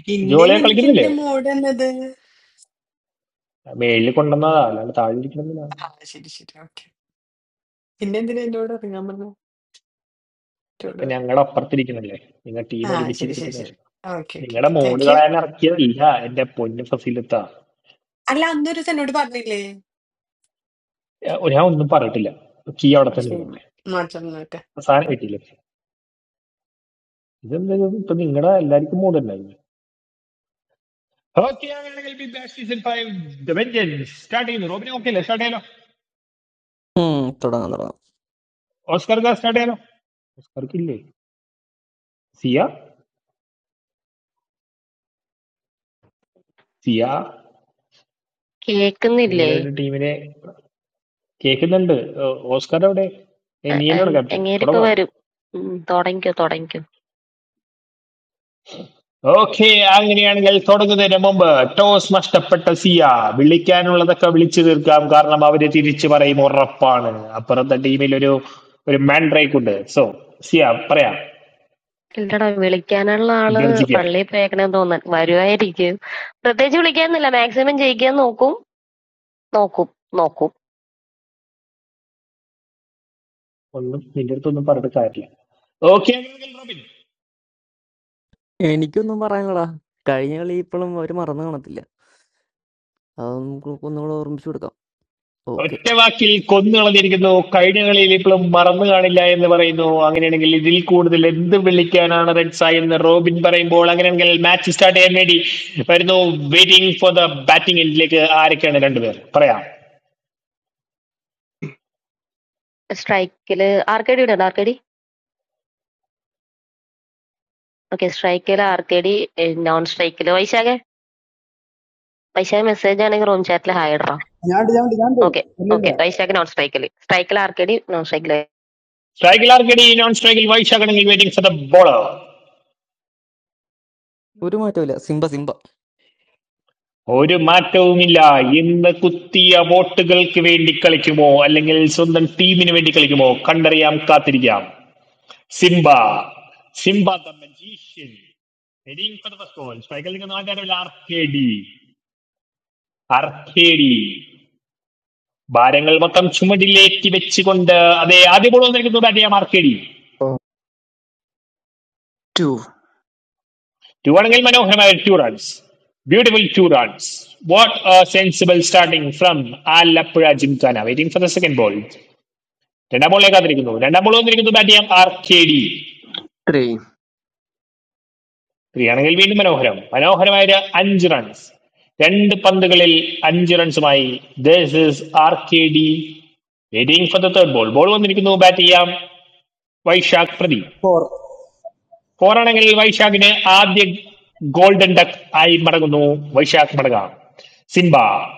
Speaker 1: പിന്നെയും
Speaker 3: ജോളിയെ
Speaker 1: എനിക്ക്
Speaker 3: കളിക്കുന്നില്ലേ
Speaker 1: എന്റെ മോഡ് എന്നത്
Speaker 3: മേളിൽ കൊണ്ടുവന്നതാ അല്ലാണ്ട് താഴെ ഇരിക്കണമെന്നില്ല
Speaker 1: ആ ശരി ശരി ഓക്കെ പിന്നെ എന്തിനാ എന്നോട് ഇറങ്ങാൻ പറഞ്ഞു എന്നോട്
Speaker 3: ഇപ്പൊ
Speaker 1: പറയാം
Speaker 3: ഞങ്ങളുടെ അപ്പുറത്തിരിക്കണല്ലേ നിങ്ങൾ ടീം
Speaker 1: ആ ശരി ശരി
Speaker 3: ഒരുമിച്ചിരിക്കട്ടെ
Speaker 1: ശരി ഓക്കെ ഓക്കെ
Speaker 3: നിങ്ങളുടെ
Speaker 1: ഓക്കെ താങ്ക് യു
Speaker 3: മോളുകളെ ഇറക്കിയതല്ല എന്റെ പൊന്നു ഫസിലത്ത
Speaker 1: അല്ല അന്നൊരു ദിവസം എന്നോട് പറഞ്ഞില്ലേ
Speaker 3: ഞാൻ ഒന്നും പറഞ്ഞിട്ടില്ല കീ അവിടെ
Speaker 1: ആ
Speaker 3: തന്നെ
Speaker 1: ശരി
Speaker 3: ഇരുന്നോട്ടെ
Speaker 1: മാറ്റം
Speaker 3: സാധനം കിട്ടിയില്ല ഇതെന്താ ഇത്? ഇപ്പൊ നിങ്ങളുടെ എല്ലാവർക്കും മൂഡ് ഉണ്ടായിരുന്നു ഓക്കെ അങ്ങനെയാണെങ്കിൽ be back season five the vengeance start ചെയ്യുന്നു റോബിന് ഓക്കെ അല്ലേ സ്റ്റാർട്ട് ചെയ്യാലോ
Speaker 2: ഉം, തുടങ്ങാം തുടങ്ങാം
Speaker 3: ഓസ്കർക്ക് സ്റ്റാർട്ട് ചെയ്യാലോ ഓസ്കർക്ക് ഇല്ലേ സിയ സിയ
Speaker 10: കേൾക്കുന്നില്ലേ
Speaker 3: നിങ്ങളുടെ ടീമിനെ കേൾക്കുന്നുണ്ട് ഓ, ഓസ്കർ അവിടെ ഏ,
Speaker 10: അ-
Speaker 3: നീ തന്നെയാണ്
Speaker 10: അ-
Speaker 3: ക്യാപ്റ്റൻ
Speaker 10: അങ്ങേരിപ്പോ
Speaker 3: തുടങ്ങാം
Speaker 10: വരും ഉം, തുടങ്ങിക്കോ തുടങ്ങിക്കോ
Speaker 3: ഓക്കെ അങ്ങനെയാണെങ്കിൽ തുടങ്ങുന്നതിന് മുമ്പ് ടോസ് നഷ്ടപ്പെട്ട സിയ വിളിക്കാനുള്ളതൊക്കെ വിളിച്ചു തീർക്കാം കാരണം അവര് തിരിച്ചു പറയും ഉറപ്പാണ് അപ്പുറത്തെ ടീമിൽ ഒരു ഒരു മാൻ ബ്രേക്ക് ഉണ്ട് സോ സിയ പറയാം
Speaker 10: ഇല്ലടാ വിളിക്കാനുള്ള ആള്
Speaker 3: ഗർജിക്ക
Speaker 10: പള്ളിയിൽ പോയേക്കണേന്ന് തോന്നാൻ വരുവായിരിക്കും പ്രത്യേകിച്ച് വിളിക്കാന്നില്ല മാക്സിമം ജയിക്കാൻ നോക്കും നോക്കും നോക്കും
Speaker 3: ഒന്നും നിന്റെ അടുത്തൊന്നും പറഞ്ഞിട്ട് കാര്യമില്ല ഓക്കെ റോബിൻ
Speaker 2: എനിക്കൊന്നും പറയാനടാ കഴിഞ്ഞ കളി ഇപ്പോഴും അവര് മറന്നു കാണത്തില്ല അത് നമുക്ക് ഒന്നുകൂടെ ഓർമ്മിച്ചു കൊടുക്കാം ഓക്കെ
Speaker 3: ഒറ്റ വാക്കിൽ കൊന്നു കളഞ്ഞിരിക്കുന്നു കഴിഞ്ഞ കളിയിൽ ഇപ്പോഴും മറന്നു കാണില്ല എന്ന് പറയുന്നു അങ്ങനെയാണെങ്കിൽ ഇതിൽ കൂടുതൽ എന്ത് വിളിക്കാനാണ് റെഡ്സായി എന്ന് റോബിൻ പറയുമ്പോൾ അങ്ങനെയാണെങ്കിൽ മാച്ച് സ്റ്റാർട്ട് ചെയ്യാൻ വേണ്ടി വരുന്നു വെയിറ്റിംഗ് ഫോർ ദ ബാറ്റിംഗ് എൻഡിലേക്ക് ആരൊക്കെയാണ് രണ്ടുപേർ പറയാം
Speaker 10: സ്ട്രൈക്കില് ആർക്കേടി ഇടണ്ട ആർക്കേടി ഓക്കെ സ്ട്രൈക്കില് ആർക്കേടി നോൺ സ്ട്രൈക്കില് വൈശാഖെ വൈശാഖ് മെസ്സേജ് ആണെങ്കിൽ റൂം ചാറ്റിൽ ഹായ് ഇടണം
Speaker 11: I am
Speaker 10: okay okay
Speaker 11: doing.
Speaker 10: Vaishak non സ്ട്രൈക്കില് സ്ട്രൈക്കിൽ ആർക്കേടി നോൺ സ്ട്രൈക്കില്
Speaker 3: സ്ട്രൈക്കിൽ ആർക്കടി നോൺ സ്ട്രൈക്കിൽ വൈശാഖണെങ്കിൽ വെയിറ്റിംഗ് ഫോർ ദ ബോളർ
Speaker 2: ഒരു മാറ്റമില്ല സിംബ സിംബ
Speaker 3: ഒരു മാറ്റവുമില്ല ഇന്ന് കുത്തിയ വോട്ടുകൾക്ക് വേണ്ടി കളിക്കുമോ അല്ലെങ്കിൽ സ്വന്തം ടീമിന് വേണ്ടി കളിക്കുമോ കണ്ടറിയാം കാത്തിരിക്കാം Simba. Simba the magician. Very incredible soul. സ്ട്രൈക്കിൽ നിൽക്കുന്ന ആൾക്കാരുടെ ഒരു ആർക്കേഡി ആർക്കേഡി ഭാരങ്ങൾ മൊത്തം ചുമടിലേക്ക് വെച്ചുകൊണ്ട് അതെ ആദ്യ ബോൾ വന്നിരിക്കുന്നത് ബാറ്റ് ചെയ്യാം ആർക്കേഡി
Speaker 12: Two,
Speaker 3: ടു ആണെങ്കിൽ മനോഹരമായ two runs beautiful two runs what sensible starting from Alappuzha Gymkhana waiting for the second ball രണ്ടാം ബോളിനെ കാത്തിരിക്കുന്നു രണ്ടാം ബോൾ വന്നിരിക്കുന്നു ബാറ്റ് ചെയ്യാം ആർക്കേഡി
Speaker 12: three,
Speaker 3: ത്രീയാണെങ്കിൽ വീണ്ടും മനോഹരം മനോഹരമായ ഒരു അഞ്ച് റൺസ് രണ്ട് പന്തുകളിൽ അഞ്ച് റൺസുമായി this is R K D waiting for the third ball ball വന്നിരിക്കുന്നു ബാറ്റ് ചെയ്യാം വൈശാഖ് പ്രദീപ് ഫോറാണെങ്കിൽ വൈശാഖിന് ആദ്യ ഗോൾഡൻ ഡക്ക് ആയി മടങ്ങുന്നു വൈശാഖ് മടങ്ങാം സിംബ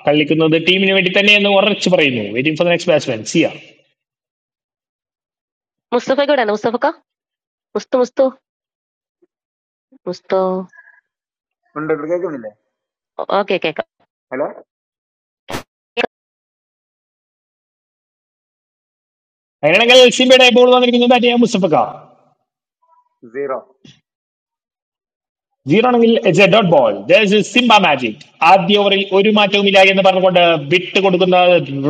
Speaker 3: കളിക്കുന്നത് ടീമിന് വേണ്ടി തന്നെ എന്ന് ഉറച്ചു പറയുന്നു waiting for the next batsman Siya
Speaker 10: മുസ്തഫയ്ക്ക് ഇടണ്ട മുസ്തഫക്ക Musthu Musthu Musthu
Speaker 13: Under what can you learn?
Speaker 10: Okay കേക്കാം
Speaker 13: Hello,
Speaker 3: അങ്ങനെയാണെങ്കിൽ സിംബയുടെ ബോൾ വന്നിരിക്കുന്നു ബാറ്റ് ചെയ്യാം മുസ്തഫക്ക
Speaker 13: zero
Speaker 3: ജീറോണെങ്കിൽ a dot ball Simba magic ആദ്യ ഓവറിൽ ഒരു മാറ്റവുമില്ല എന്ന് പറഞ്ഞുകൊണ്ട് വിട്ട് കൊടുക്കുന്ന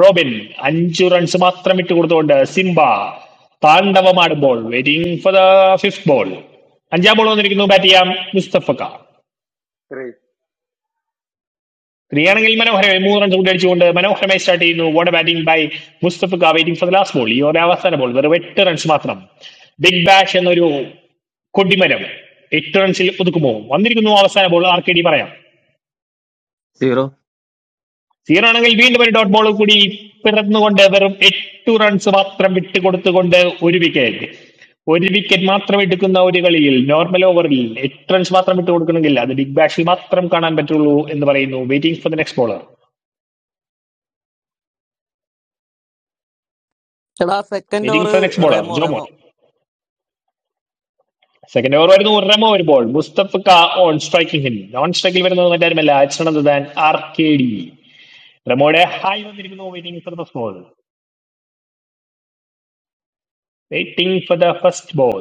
Speaker 3: റോബിൻ അഞ്ചു റൺസ് മാത്രം വിട്ട് കൊടുത്തുകൊണ്ട് സിംബ താണ്ഡവമാടുമ്പോൾ waiting for the fifth ball അഞ്ചാം ബോൾ വന്നിരിക്കുന്നു ബാറ്റ് ചെയ്യാം മുസ്തഫക്ക
Speaker 13: three
Speaker 3: ത്രീ ആണെങ്കിൽ മനോഹരമായി മൂന്ന് റൺസ് കൂടി അടിച്ചുകൊണ്ട് മനോഹരമായി സ്റ്റാർട്ട് ചെയ്യുന്നു വോട്ട് ബാറ്റിംഗ് ബൈ മുസ്തഫക്ക waiting for the last ball ഈ ഒരു അവസാന ബോൾ വെറും എട്ട് റൺസ് മാത്രം ബിഗ് ബാഷ് എന്നൊരു കൊടിമരം എട്ട് റൺസിൽ ഒതുക്കുമോ വന്നിരിക്കുന്നു അവസാന ബോൾ ആർ കെ ഡി പറയാം
Speaker 12: zero, zero, four.
Speaker 3: സീറോ ആണെങ്കിൽ വീണ്ടും ഒരു ഡോട്ട് ബോൾ കൂടി പിറന്നുകൊണ്ട് വെറും എട്ട് റൺസ് മാത്രം വിട്ടുകൊടുത്തുകൊണ്ട് ഒരു വിക്കറ്റ് ഒരു വിക്കറ്റ് മാത്രം എടുക്കുന്ന ഒരു കളിയിൽ നോർമൽ ഓവറിൽ എട്ട് റൺസ് മാത്രം വിട്ടു കൊടുക്കണമെങ്കിൽ അത് ബിഗ് ബാഷിൽ മാത്രം കാണാൻ പറ്റുള്ളൂ എന്ന് പറയുന്നു waiting for the next bowler
Speaker 2: എടാ second
Speaker 3: waiting
Speaker 2: over
Speaker 3: for the next bowler
Speaker 2: Remo
Speaker 3: ജോമോർ
Speaker 2: റേമോ
Speaker 3: സെക്കൻഡ് ഓവർ വരുന്നു റെമോ ഒരു ബോൾ മുസ്തഫ ഓൺ സ്ട്രൈക്കിംഗ് ഹിൽ നോൺ സ്ട്രൈക്കിൽ വരുന്നത് മറ്റാരുമല്ല അച്ഛനദാൻ ആർ കെ ഡി റെമോയുടെ ഹായ് വന്നിരിക്കുന്നു waiting for the first ball waiting for the first ball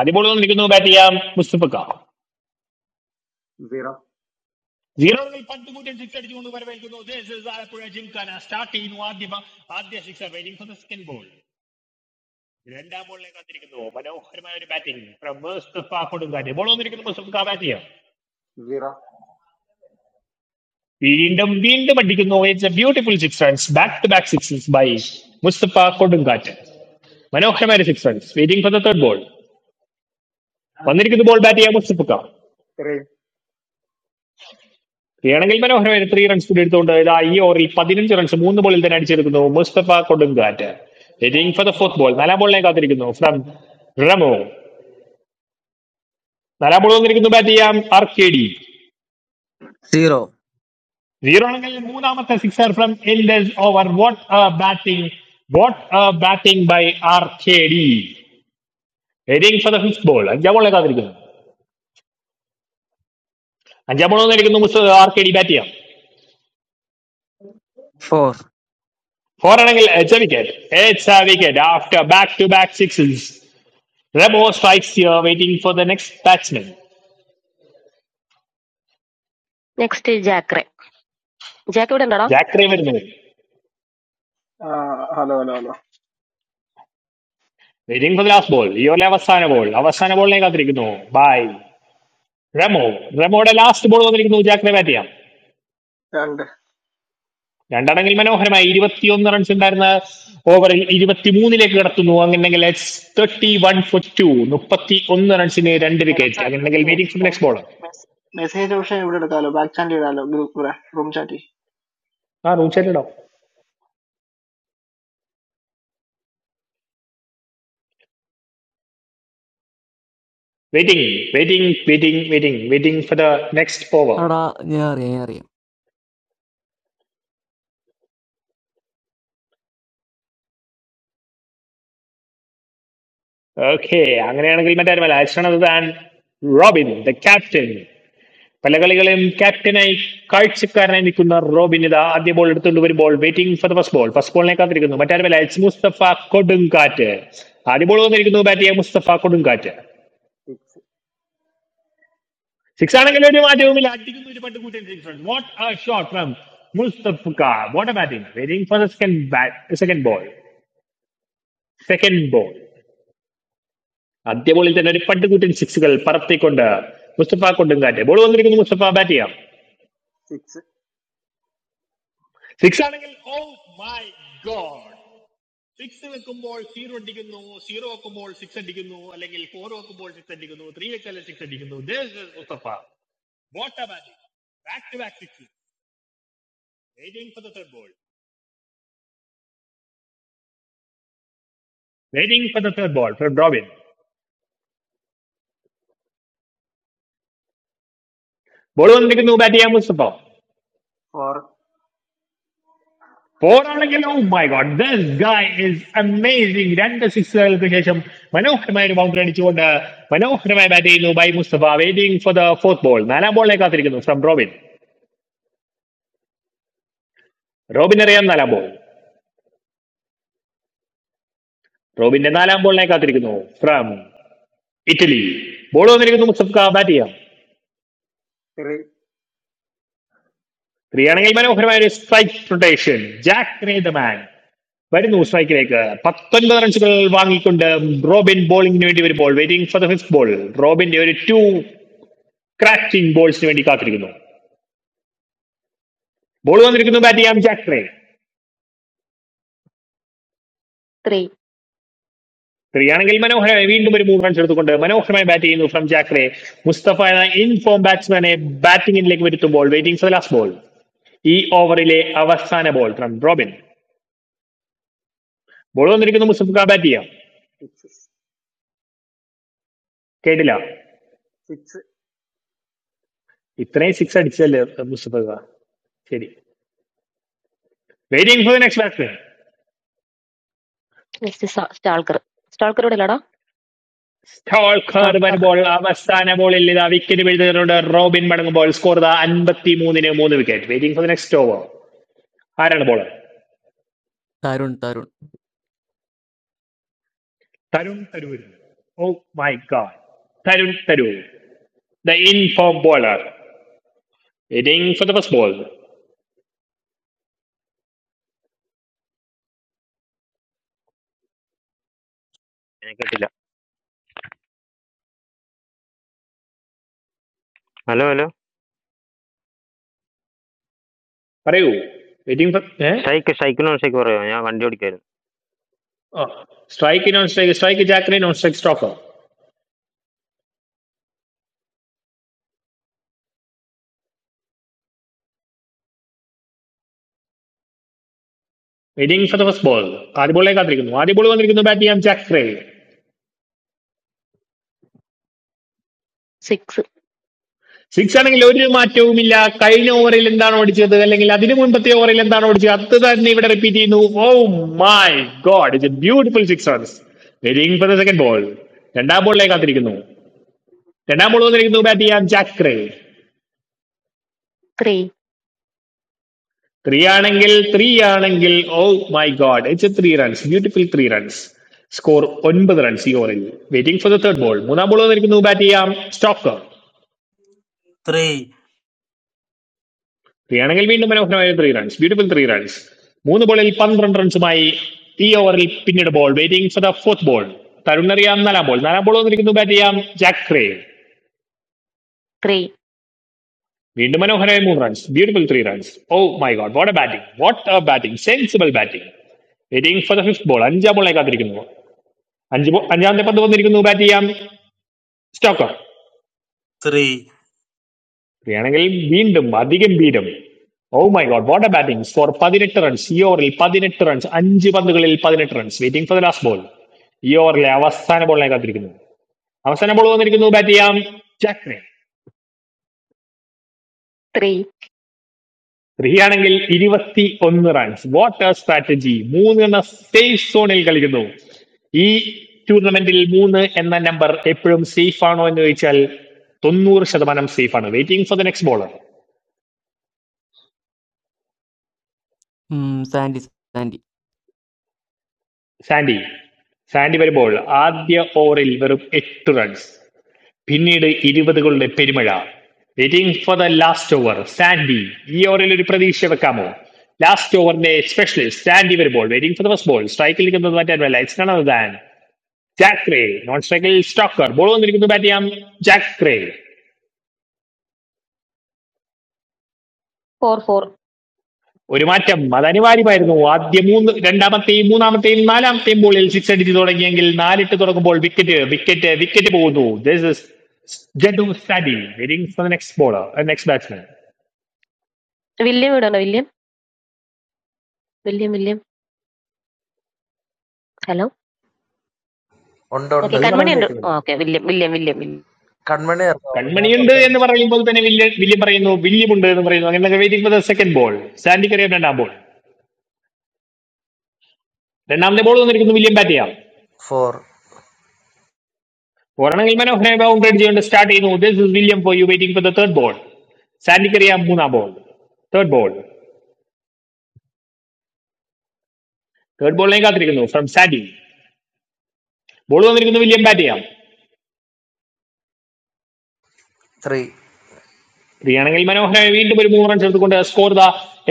Speaker 3: ആദ്യ ബോൾ വന്നിരിക്കുന്നു ബാറ്റ് ചെയ്യാം മുസ്തഫ
Speaker 13: zero
Speaker 3: സീറോകളിൽ പന്ത് കൂറ്റൻ സിക്സ് അടിച്ചുകൊണ്ട് വരവേൽക്കുന്നു This is Alappuzha Gymkhana start ചെയ്യുന്നു ആദ്യ ബ- ആദ്യ six waiting for the second ball രണ്ടാം ബോളിനെ കാത്തിരിക്കുന്നു മനോഹരമായ ഒരു ബാറ്റിംഗ് ഫ്രം മുസ്തഫ കൊടുങ്കാറ്റ് ബോൾ വന്നിരിക്കുന്നു മുസ്തഫ ബാറ്റ് ചെയ്യാം
Speaker 13: zero
Speaker 3: വീണ്ടും വീണ്ടും അടിക്കുന്നു it's a beautiful six runs back to back six by Mustafa കൊടുങ്കാറ്റ് മനോഹരമായ six runs waiting for the third ball വന്നിരിക്കുന്നു ബോൾ ബാറ്റ് ചെയ്യാം മുസ്തഫ
Speaker 13: three
Speaker 3: വേണമെങ്കിൽ മനോഹരമായി ത്രീ റൺസ് കൂടി എടുത്തുകൊണ്ട് ഇതാ ഈ ഓവറിൽ പതിനഞ്ച് റൺസ് മൂന്ന് ബോളിൽ തന്നെ അടിച്ചെടുക്കുന്നു മുസ്തഫ കൊടുങ്കാറ്റ് waiting for the fourth ball നാലാം ബോളിനെ കാത്തിരിക്കുന്നു ഫ്രം റമോ നാലാം ബോൾ വന്നിരിക്കുന്നു ബാറ്റ് ചെയ്യാം ആർ കെ ഡി സീറോ ആണെങ്കിൽ മൂന്നാമത്തെ sixer from Elders over what a batting what a batting by R K D waiting for the fifth ball അഞ്ചാം ബോളിനെ കാത്തിരിക്കുന്നു അഞ്ചാം ബോൾ വന്നിരിക്കുന്നു ആർ കെ ഡി ബാറ്റ് ചെയ്യാം ഫോർ ആണെങ്കിൽ എച്ച് വിക്കറ്റ് എച്ച് wicket after back to back sixes Rebo strikes here, waiting for the next batsman.
Speaker 10: Next Jakre Jack ഇവിടെ ഉണ്ടോടാ
Speaker 3: ജാക്രി വരുന്നത്
Speaker 14: ആ, hello hello hello
Speaker 3: waiting for last ball ഈ ഓലെ അവസാന ബോൾ അവസാന ബോളിനെ കാത്തിരിക്കുന്നു ബൈ റെമോ റെമോയുടെ ലാസ്റ്റ് ബോൾ വന്നിരിക്കുന്നു ജാക്രി ബാറ്റ് ചെയ്യാം
Speaker 14: രണ്ട്
Speaker 3: രണ്ടടങ്കിൽ മനോഹരമായി ഇരുപത്തിയൊന്ന് റൺസ് ഉണ്ടായിരുന്ന ഓവറിൽ ഇരുപത്തിമൂന്നിലേക്ക് കടത്തുന്നു അങ്ങനെയെങ്കിൽ തേർട്ടി വൺ ഫോർ ടു മുപ്പത്തി ഒന്ന് റൺസിന് രണ്ട് വിക്കറ്റ് അങ്ങനെയെങ്കിൽ
Speaker 14: എനിക്ക്
Speaker 3: വെയിറ്റിംഗ് ഫോർ നെക്സ്റ്റ്
Speaker 14: എനിക്ക്
Speaker 3: ബോൾ
Speaker 14: മെസ്സേജ് ഓപ്ഷൻ ഇവിടെ എടുക്കാമല്ലോ ബാക്ക് ചാൻഡ് ചെയ്താലോ ഗ്രൂപ്പ് റൂം ചാറ്റ്
Speaker 3: ആ റൂം ഷെല്ലോ waiting waiting waiting waiting waiting for the next over
Speaker 2: എടാ ഞാൻ അറിയാം ഞാൻ അറിയാം
Speaker 3: ഓക്കെ അങ്ങനെയാണെങ്കിൽ മറ്റാരുമല്ല അയച്ചത് താൻ റോബിൻ ദ ക്യാപ്റ്റൻ പല കളികളും ക്യാപ്റ്റനായി കാഴ്ചക്കാരനായി നിൽക്കുന്ന റോബിൻ ഇത് ആദ്യ ബോൾ എടുത്തുകൊണ്ട് ഒരു ball waiting for the first ball first ബോളിനെ കാത്തിരിക്കുന്നു മറ്റാരുമല്ല അയച്ച് മുസ്തഫ കൊടുങ്കാറ്റ് ആദ്യ ബോൾ വന്നിരിക്കുന്നു ബാറ്റ് ചെയ്യാൻ മുസ്തഫ കൊടുങ്കാറ്റ്
Speaker 13: six
Speaker 3: സിക്സ് ആണെങ്കിൽ ഒരു മാറ്റവുമില്ല അടിക്കുന്ന ഒരു പട്ട് കൂട്ടൻ six what a shot from Mustafa what a batting waiting for the second bat second ball second ball ആദ്യ ബോളിൽ തന്നെ ഒരു പട്ടുകൂറ്റൻ സിക്സുകൾ പറത്തിക്കൊണ്ട് മുസ്തഫ കൊടുങ്കാറ്റ് ബോൾ വന്നിരിക്കുന്നു മുസ്തഫ ബാറ്റ് ചെയ്യാം
Speaker 13: six
Speaker 3: സിക്സ് ആണെങ്കിൽ ഓ മൈ ഗോഡ് സിക്സ് വെക്കുമ്പോൾ സീറോ അടിക്കുന്നു സീറോ വെക്കുമ്പോൾ സിക്സ് അടിക്കുന്നു അല്ലെങ്കിൽ ഫോർ വെക്കുമ്പോൾ സിക്സ് അടിക്കുന്നു ത്രീ വെച്ചാലും സിക്സ് അടിക്കുന്നു This is Mustafa what a batting back to back six waiting for the third ball waiting for the third ball from Robin ball വന്നിരിക്കുന്നു ബാറ്റ് ചെയ്യാം മുസ്തഫ
Speaker 13: four
Speaker 3: പോരാണെങ്കിൽ oh my god this guy is amazing രണ്ട് സിക്സുകൾക്ക് ശേഷം മനോഹരമായ ഒരു boundary അടിച്ചുകൊണ്ട് മനോഹരമായ ബാറ്റ് ചെയ്യുന്നു by Mustafa waiting for the fourth ball നാലാം ബോളിനെ കാത്തിരിക്കുന്നു ഫ്രം റോബിൻ റോബിൻ അറിയാം നാലാം ബോൾ റോബിന്റെ നാലാം ബോളിനെ കാത്തിരിക്കുന്നു ഫ്രം ഇറ്റലി ബോൾ വന്നിരിക്കുന്നു മുസ്തഫ ബാറ്റ് ചെയ്യാം
Speaker 13: three
Speaker 3: സ്ത്രീയാണെങ്കിൽ മനോഹരമായ ഒരു strike rotation Jack the man വരുന്നു സ്ട്രൈക്കിലേക്ക് പത്തൊൻപത് റൺസുകൾ വാങ്ങിക്കൊണ്ട് റോബിൻ ബോളിംഗിന് വേണ്ടി വരുമ്പോൾ waiting for the fifth ball റോബിന്റെ ഒരു ടു ക്രാച്ചിങ് ബോൾസിന് വേണ്ടി കാത്തിരിക്കുന്നു ബോൾ വന്നിരിക്കുന്നു ബാറ്റ് ചെയ്യാം ജാക്രേ
Speaker 10: ത്രീ
Speaker 3: ത്രീ ആണെങ്കിൽ മനോഹരമായി വീണ്ടും ഒരു മൂന്ന് റൺസ് എടുത്തുകൊണ്ട് മനോഹരമായി ബാറ്റ് ചെയ്യുന്നു ഫ്രം ജാക്രേ മുസ്തഫ എന്ന ഇൻഫോം ബാറ്റ്സ്മാനെ ബാറ്റിംഗിലേക്ക് വരുത്തുമ്പോൾ വെയിറ്റിംഗ് ഫോർ ലാസ്റ്റ് ബോൾ ഈ ഓവറിലെ അവസാന ബോൾ ഫ്രം റോബിൻ ബോൾ വന്നിരിക്കുന്നു മുസ്തഫ ബാറ്റ് ചെയ്യാം
Speaker 13: six
Speaker 3: കേട്ടില്ല
Speaker 13: six.
Speaker 3: ഇത്രയും സിക്സ് അടിച്ചല്ലേ മുസ്തഫ ശരി waiting for the next batsman
Speaker 10: next Stalker Stalker ഇവിടെ ഇല്ലടാ
Speaker 3: സ്റ്റോൾക്കർ
Speaker 10: സ്റ്റാൾക്കർ
Speaker 3: വരുമ്പോൾ അവസാന ബോളിൽ ഇതാ വിക്കറ്റ് വീഴ്ത്തുന്നുണ്ട് റോബിൻ മടങ്ങുമ്പോൾ സ്കോർ 53 മൂന്നിന് മൂന്ന് wicket waiting for the next over ആരാണ് bowler
Speaker 2: Tarun Tarun
Speaker 3: Tarun Tharoor oh my god Tarun Tharoor the in form bowler waiting for the first ball
Speaker 15: Hello, hello.
Speaker 3: പറയൂ waiting for
Speaker 15: Cycle, cycle. No cycle, poriyon. I am Vandiyodigal.
Speaker 3: Strike non strike strike Jakre non strike stopper waiting for the first ball ആദ്യ ബോളെ കാത്തിരിക്കുന്നു ആദ്യ ball വന്നിരിക്കുന്നു bat ചെയ്യാൻ ജാക്രേ
Speaker 10: six
Speaker 3: six ആണെങ്കിൽ ഒരു മാറ്റവുമില്ല കഴിഞ്ഞ ഓവറിൽ എന്താണ് ഓടിച്ചത് അല്ലെങ്കിൽ അതിനു മുൻപത്തെ ഓവറിൽ എന്താണ് ഓടിച്ചത് അത് തന്നെ ഇവിടെ റിപ്പീറ്റ് ചെയ്യുന്നു oh my god it's a beautiful six runs waiting for the second ball രണ്ടാം ബോളിലേക്ക് കാത്തിരിക്കുന്നു രണ്ടാം ബോൾ വന്നിരിക്കുന്നു ബാറ്റ് ചെയ്യാൻ ജാക്രേ
Speaker 10: ത്രീ
Speaker 3: ത്രീ ആണെങ്കിൽ ത്രീ ആണെങ്കിൽ oh my god it's three runs beautiful three runs score ഒൻപത് റൺസ് ഈ ഓവറിൽ waiting for the third ball മൂന്നാം ബോൾ വന്നിരിക്കുന്നു ബാറ്റ് ചെയ്യാം സ്റ്റോക്കർ
Speaker 16: three
Speaker 3: ത്രീ ആണെങ്കിൽ വീണ്ടും മനോഹരമായ three runs beautiful three runs മൂന്ന് ബോളിൽ പന്ത്രണ്ട് റൺസുമായി ഈ ഓവറിൽ പിന്നീട് ball waiting for the fourth ball Tarun അറിയാം നാലാം ബോൾ നാലാം ബോൾ വന്നിരിക്കുന്നു ബാറ്റ് ചെയ്യാം ജാക്രേ
Speaker 10: ത്രീ
Speaker 3: വീണ്ടും മനോഹരമായ മൂന്ന് runs beautiful three runs oh my God what a batting what a batting sensible batting waiting for the fifth ball അഞ്ചാം ബോളെ കാത്തിരിക്കുന്നു അഞ്ച് ബോ അഞ്ചാമത്തെ പന്ത് വന്നിരിക്കുന്നു ബാറ്റ് ചെയ്യാം സ്റ്റോക്കർ
Speaker 16: three
Speaker 3: വേണമെങ്കിൽ വീണ്ടും അതിഗംഭീരം oh my God what a batting four പതിനെട്ട് റൺസ് ഈ ഓവറിൽ പതിനെട്ട് റൺസ് അഞ്ച് പന്തുകളിൽ പതിനെട്ട് runs waiting for the last ball ഈ ഓവറിലെ അവസാന ബോളിനെ കാത്തിരിക്കുന്നു അവസാന ബോൾ വന്നിരിക്കുന്നു ബാറ്റ് ചെയ്യാം ജാക്ക്മാൻ.
Speaker 10: ത്രീ
Speaker 3: ത്രീ ആണെങ്കിൽ ഇരുപത്തി ഒന്ന് റൺസ് വാട്ട് എ സ്ട്രാറ്റജി മൂന്നെണ്ണ സേഫ് സോണിൽ കളിക്കുന്നു ഈ ടൂർണമെന്റിൽ മൂന്ന് എന്ന നമ്പർ എപ്പോഴും സേഫ് ആണോ എന്ന് ചോദിച്ചാൽ തൊണ്ണൂറ് ശതമാനം സേഫ് ആണ് waiting for the next bowler
Speaker 2: um, Sandy Sandy.
Speaker 3: Sandy Sandy വരുമ്പോൾ ആദ്യ ഓവറിൽ വെറും എട്ട് റൺസ് പിന്നീട് ഇരുപതുകളുടെ പെരുമഴ waiting for the last over Sandy ഈ ഓവറിൽ ഒരു പ്രതീക്ഷ വെക്കാമോ ലാസ്റ്റ് ഓവറിന്റെ സ്പെഷ്യലിസ്റ്റ് സാൻഡി വരുമ്പോൾ waiting for the first ball സ്ട്രൈക്കിൽ നിൽക്കുന്നത് മറ്റാരുമല്ല it's none other than Jakre non സ്ട്രൈക്കിൽ സ്റ്റോക്കർ ബോൾ വന്നിരിക്കുന്നു ബാറ്റ് ചെയ്യാം ജാക്ക് ക്രേ
Speaker 10: ഫോർ ഫോർ
Speaker 3: ഒരു മാറ്റം അത് അനിവാര്യമായിരുന്നു ആദ്യ മൂന്ന് രണ്ടാമത്തെയും മൂന്നാമത്തെയും നാലാമത്തെയും ബോളിൽ സിക്സ് അടിച്ച് തുടങ്ങിയെങ്കിൽ നാലിട്ട് തുടങ്ങുമ്പോൾ വിക്കറ്റ് വിക്കറ്റ് വിക്കറ്റ് പോകുന്നു ദിസ് ഇസ് ജഡു സ്റ്റാഡി waiting for next bowler next batsman
Speaker 10: William ഇവിടെ ഉണ്ടോ William William William hello
Speaker 17: One,
Speaker 10: okay
Speaker 3: നീ
Speaker 10: കൺമണി
Speaker 3: പറയുന്നത്
Speaker 10: ഉണ്ട്
Speaker 3: കേൾക്കുന്നില്ല
Speaker 10: okay William William William William
Speaker 3: കൺമണിയുണ്ട് എന്ന് പറയുമ്പോൾ തന്നെ വില്യം വില്യം പറയുന്നു വില്യം ഉണ്ട് എന്ന് പറയുന്നു അങ്ങനെ waiting for the second ball Sandy കറിയ രണ്ടാം ബോൾ രണ്ടാമത്തെ ബോൾ വന്നിരിക്കുന്നു വില്യം ബാറ്റ് ചെയ്യാം
Speaker 17: two,
Speaker 3: ഒരെണ്ണമെങ്കിൽ മനോഹരമായ ബൗൺ ചെയ്യുന്നുണ്ട് സ്റ്റാർട്ട് ചെയ്യുന്നു this is William for you waiting for the third ball സാൻഡിക്ക് അറിയാം മൂന്നാം ബോൾ തേർഡ് ബോൾ തേർഡ് ബോളിലേക്ക് കാത്തിരിക്കുന്നു ഫ്രം സാൻഡി ബോൾ വന്നിരിക്കുന്നു വില്യം ബാറ്റ് ചെയ്യാം
Speaker 17: three.
Speaker 3: ഫ്രീയാണെങ്കിൽ മനോഹരമായി വീണ്ടും ഒരു മൂന്ന് റൺ ചേർത്തുകൊണ്ട് സ്കോർ ദ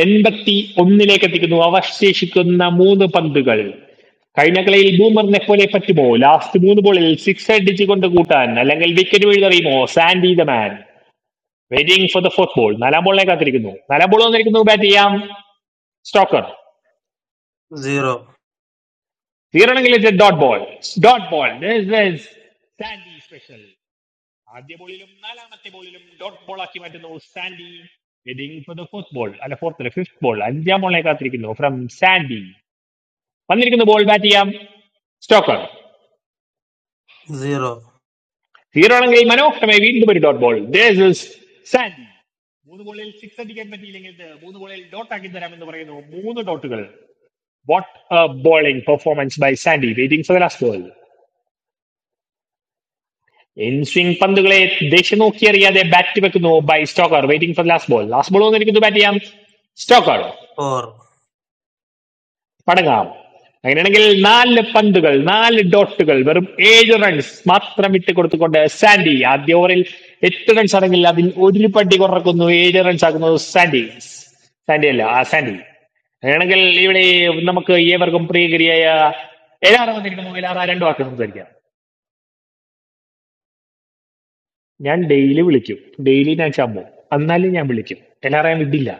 Speaker 3: എൺപത്തി ഒന്നിലേക്ക് എത്തിക്കുന്നു അവശേഷിക്കുന്ന മൂന്ന് പന്തുകൾ കഴിഞ്ഞ കളിയിൽ ബൂമറിനെ പോലെ പറ്റുമോ ലാസ്റ്റ് മൂന്ന് ബോളിൽ സിക്സ് അടിച്ചുകൊണ്ട് കൂട്ടാൻ അല്ലെങ്കിൽ വിക്കറ്റ് വീഴ്തറിയുമോ Sandy the man waiting for the fourth ball നാലാം ബോളിനെ കാത്തിരിക്കുന്നു നാലാം ബോൾ വന്നിരിക്കുന്നു ബാറ്റ് ചെയ്യാം സ്റ്റോക്കർ
Speaker 16: zero
Speaker 3: സീറണങ്കിലേക്ക് dot ball dot ball Sandy special ആദ്യ ബോളിലും നാലാമത്തെ ബോളിലും ഡോട്ട് ബോൾ ആക്കി മാറ്റുന്നു Sandy waiting for the fourth ball അല്ല ഫോർത്ത് ഫിഫ്ത് ബോൾ അഞ്ചാം ബോളിനെ കാത്തിരിക്കുന്നു ഫ്രം സാൻഡി വന്നിരിക്കുന്ന ബോൾ ബാറ്റ് ചെയ്യാം സ്റ്റോക്കർ
Speaker 16: zero
Speaker 3: സീറോണെങ്കിൽ മനോഹരമായി വീണ്ടും ഒരു ഡോട്ട് ബോൾ സാൻഡി മൂന്ന് ബോളിൽ സിക്സ് അടിക്കാൻ പറ്റിയില്ലെങ്കിൽ ഇത് മൂന്ന് ബോളിൽ ഡോട്ട് ആക്കി തരാമെന്ന് പറയുന്നു മൂന്ന് ഡോട്ടുകൾ what a bowling performance by Sandy waiting for the last ball in swing പന്തുകളെ ദിശ നോക്കി അറിയാതെ ബാറ്റ് വെക്കുന്നു by Stoker waiting for last ball last ball വന്നിരിക്കുന്നു ബാറ്റ് ചെയ്യാം സ്റ്റോക്കർ
Speaker 16: four
Speaker 3: പടങ്ങാം അങ്ങനെയാണെങ്കിൽ നാല് പന്തുകൾ നാല് ഡോട്ടുകൾ വെറും ഏഴ് റൺസ് മാത്രം വിട്ട് കൊടുത്തുകൊണ്ട് സാൻഡി ആദ്യ ഓവറിൽ എട്ട് റൺസ് ആണെങ്കിൽ അതിൽ ഒരു പട്ടി കുറക്കുന്നു ഏഴ് റൺസ് ആക്കുന്നത് സാൻഡി സാൻഡി അല്ല ആ സാൻഡി അങ്ങനെയാണെങ്കിൽ ഇവിടെ നമുക്ക് ഏവർക്കും പ്രിയകരിയായ എല്ലാവരും വന്നിരിക്കുന്നു എല്ലാവരും രണ്ടു വാക്ക് സംസാരിക്കാം ഞാൻ ഡെയിലി വിളിക്കും ഡെയിലി ഞാൻ ചമ്മും എന്നാലും ഞാൻ വിളിക്കും എല്ലാറേയും വിടില്ല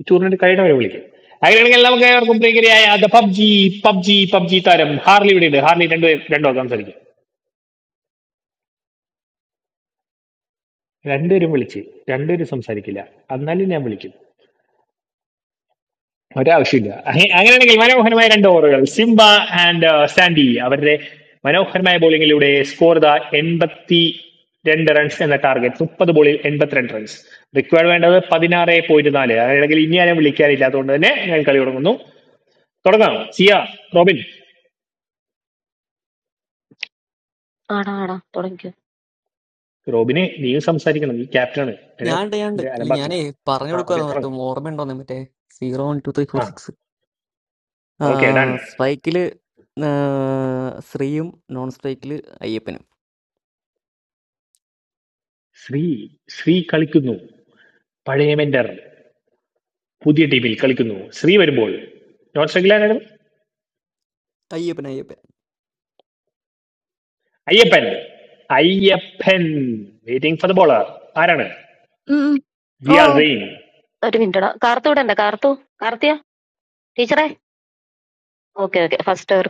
Speaker 3: ഈ ടൂർണമെന്റ് കഴിയുടെ വരെ വിളിക്കും അങ്ങനെയാണെങ്കിൽ നമുക്ക് ഏവർക്കും പ്രിയകരിയായ ദ പബ്ജി പബ്ജി പബ്ജി താരം ഹാർലി ഇവിടെ ഉണ്ട് ഹാർലി രണ്ടുപേരും രണ്ടോ സംസാരിക്കും രണ്ടുപേരും വിളിച്ച് രണ്ടുപേരും സംസാരിക്കില്ല എന്നാലും ഞാൻ വിളിക്കും ഒരാവശ്യമില്ല അങ്ങ- അങ്ങനെയാണെങ്കിൽ മനോഹരമായ രണ്ട് ഓവറുകൾ സിംബ ആൻഡ് സാൻഡി അവരുടെ മനോഹരമായ ബോളിങ്ങിലൂടെ സ്കോർ ദ എൺപത്തി രണ്ട് റൺസ് എന്ന ടാർഗറ്റ് മുപ്പത് ബോളിൽ എൺപത്തിരണ്ട് റൺസ് റിക്വയർഡ് വേണ്ടത് പതിനാറ് പോയിന്റ് നാല് അല്ലെങ്കിൽ ഇനി ആരും വിളിക്കാനില്ല അതുകൊണ്ട് തന്നെ ഞാൻ കളി തുടങ്ങുന്നു തുടങ്ങാം സിയ റോബിൻ
Speaker 10: ആടാ ആടാ തുടങ്ങിക്കോ
Speaker 3: റോബിന് നീയും സംസാരിക്കണം നീ ക്യാപ്റ്റനാണ് എന്നെ
Speaker 2: ഞാൻ ഉണ്ട്, ഞാൻ ഉണ്ട്.
Speaker 3: എന്റെ
Speaker 2: ഇല്ല, ഞാനേ
Speaker 3: അലമ്പാക്കില്ല
Speaker 2: പറഞ്ഞു
Speaker 3: ആ ഓക്കെ
Speaker 2: കൊടുക്കുവായിരുന്നു അവർക്ക്
Speaker 3: തുടങ്ങും
Speaker 2: ഓർമ്മയുണ്ടോന്ന് മറ്റേ zero one two three four
Speaker 3: ആ
Speaker 2: സിക്സ്
Speaker 3: ഓക്കെ ഡൺ
Speaker 2: സ്ട്രൈക്കില് ശ്രീയും നോൺ സ്ട്രൈക്കില് അയ്യപ്പനും
Speaker 3: ശ്രീ ശ്രീ കളിക്കുന്നു പഴയ മെന്റർ പുതിയ ടീമിൽ കളിക്കുന്നു ശ്രീ വരുമ്പോൾ നോൺ സ്ട്രഗിലായിരുന്നു
Speaker 2: Ayyappan Ayyappan
Speaker 3: Ayyappan Ayyappan waiting for the bowler ആരാണ്
Speaker 7: happened?
Speaker 3: റിയാൽ
Speaker 7: Oh.
Speaker 3: റെയിൻ
Speaker 10: ഒരു മിനിറ്റടാ കാർത്തു ഇവിടെ ഉണ്ടോ കാർത്തു കാർത്തിയ ടീച്ചറേ ഓക്കെ ഓക്കെ ഫസ്റ്റ് ഒരു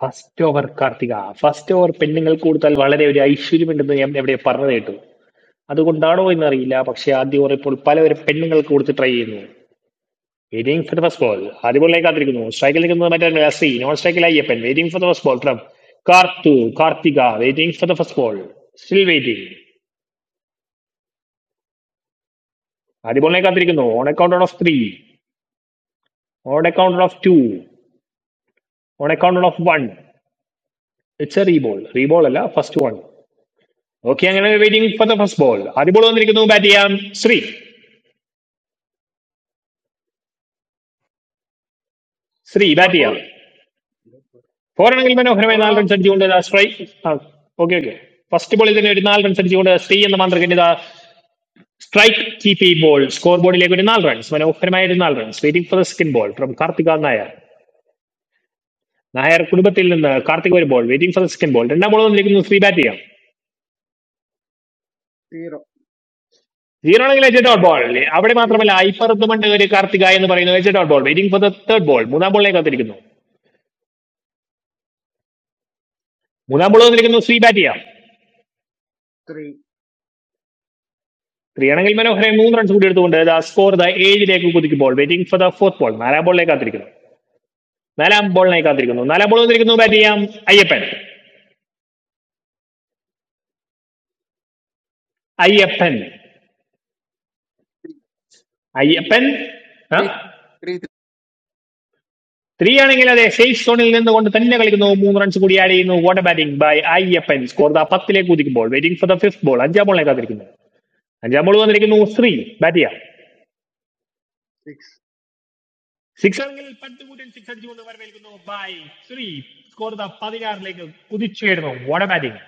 Speaker 3: first over Karthika first over പെണ്ണുങ്ങൾ കൊടുത്താൽ വളരെ ഒരു ഐശ്വര്യമുണ്ടെന്ന് ഞാൻ എവിടെ പറഞ്ഞു കേട്ടു അതുകൊണ്ടാണോ എന്നറിയില്ല പക്ഷേ ആദ്യ ഓവർ ഇപ്പോൾ പലവരും പെണ്ണുങ്ങൾക്ക് കൊടുത്ത് ട്രൈ ചെയ്യുന്നു waiting for the first ball ആദ്യ ബോളിലേക്ക് കാത്തിരിക്കുന്നു സ്ട്രൈക്കിൽ നിൽക്കുന്നത് മറ്റേ ശ്രീ നോൺ സ്ട്രൈക്കിൽ Ayyappan waiting for the first ball from Karthu Karthika waiting for the first ball still waiting ആദ്യ ബോളിനെ കാത്തിരിക്കുന്നു on account on of three on account of two on account of one it's a reball reball അല്ല first one okay അങ്ങനെ waiting for the first ball ആദ്യ ball വന്നിരിക്കുന്നു bat ചെയ്യാം Shri Shri bat
Speaker 18: Four
Speaker 3: ചെയ്യാം
Speaker 18: four.
Speaker 3: പോരാണെങ്കിൽ മനോഹരമായി
Speaker 18: Four
Speaker 3: നാല് runs അടിച്ചുകൊണ്ട് സ്ട്രൈക്ക് ആ ഓക്കെ ഓക്കെ ഫസ്റ്റ് ബോളിൽ തന്നെ ഒരു നാല് റൺസ് അടിച്ചുകൊണ്ട് ശ്രീ എന്ന മന്ത്രിക്കിന്റെ സ്ട്രൈക്ക് കീപ്പ് ഈ ബോൾ സ്കോർ ബോർഡിലേക്ക് ഒരു നാല് റൺസ് മനോഹരമായ ഒരു നാല് runs waiting for the second ball from Karthika Nair Nair കുടുംബത്തിൽ നിന്ന് കാർത്തിക് ഒരു ball waiting for the second ball രണ്ടാം ബോൾ വന്നിരിക്കുന്നു ശ്രീ ബാറ്റ് ചെയ്യാം
Speaker 18: zero
Speaker 3: സീറോണെങ്കിൽ എച്ച് ഡോട്ട് ബോൾ അവിടെ
Speaker 18: zero
Speaker 3: മാത്രമല്ല ഐപ്പറത്തുമുണ്ട് ഒരു കാർത്തിക എന്ന് പറയുന്നു എച്ച് dot ball waiting for the third ball മൂന്നാം ബോളിനെ കാത്തിരിക്കുന്നു മൂന്നാം ബോൾ കാത്തിരിക്കുന്നു ശ്രീ ബാറ്റ് ചെയ്യാം
Speaker 18: three
Speaker 3: ത്രീ ആണെങ്കിൽ മനോഹരൻ മൂന്ന് റൺസ് കൂടി എടുത്തുകൊണ്ട് ദ സ്കോർ ദ ഏഴിലേക്ക് കുതിക്കുമ്പോൾ waiting for the fourth ball നാലാം ബോളിനെ കാത്തിരിക്കുന്നു നാലാം ബോളിനായി കാത്തിരിക്കുന്നു നാലാം ബോൾ വന്നിരിക്കുന്നു ബാറ്റ് ചെയ്യാം അയ്യപ്പൻ അയ്യപ്പൻ അയ്യപ്പൻ ആ
Speaker 19: three, three, three,
Speaker 3: ത്രീ ആണെങ്കിൽ അതെ സേഫ് സോണിൽ നിന്നുകൊണ്ട് തന്നെ കളിക്കുന്നു മൂന്ന് റൺസ് കൂടി ആഡ് ചെയ്യുന്നു what a batting by Ayyappan score the പത്തിലേക്ക് കുതിക്കുമ്പോൾ waiting for the fifth ball അഞ്ചാം ബോളിനെ കാത്തിരിക്കുന്നു അഞ്ചാം ബോൾ വന്നിരിക്കുന്നു ശ്രീ ബാറ്റ് ചെയ്യാം
Speaker 18: six
Speaker 3: സിക്സ് ആണെങ്കിൽ പത്ത് കൂട്ടൻ സിക്സ് അടിച്ചുകൊണ്ട് വരവേൽക്കുന്നു ബൈ ശ്രീ സ്കോർ പതിനാറിലേക്ക് കുതിച്ചുയരുന്നു വട ബാറ്റിംഗ്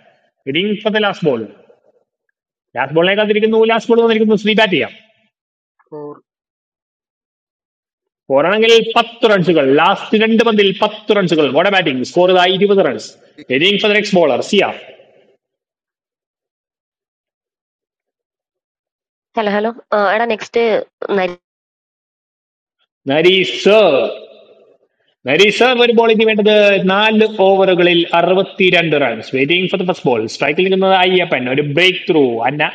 Speaker 3: ഇനിയും ഇപ്പത്തെ ലാസ്റ്റ് ബോൾ ലാസ്റ്റ് ബോളിനെ കാത്തിരിക്കുന്നു ലാസ്റ്റ് ബോൾ വന്നിരിക്കുന്നു ശ്രീ ബാറ്റ് ചെയ്യാം
Speaker 18: four zero.
Speaker 3: ഫോർ ആണെങ്കിൽ പത്ത് റൺസുകൾ ലാസ്റ്റ് രണ്ട് പന്തിൽ പത്ത് റൺസുകൾ വട ബാറ്റിംഗ് സ്കോർ ഇരുപത് റൺസ്
Speaker 19: three,
Speaker 3: ഇനിയും four the next bowler Siya
Speaker 10: hello hello എടാ നെക്സ്റ്റ്
Speaker 3: നരി സർ റിസർവ് ഒരു ബോളിംഗ് വേണ്ടത് നാല് ഓവറുകളിൽ അറുപത്തിരണ്ട് runs waiting for the first ball സ്ട്രൈക്കിൽ നിൽക്കുന്നത് അയ്യപ്പൻ ഒരു ബ്രേക്ക് ത്രൂ അന്ന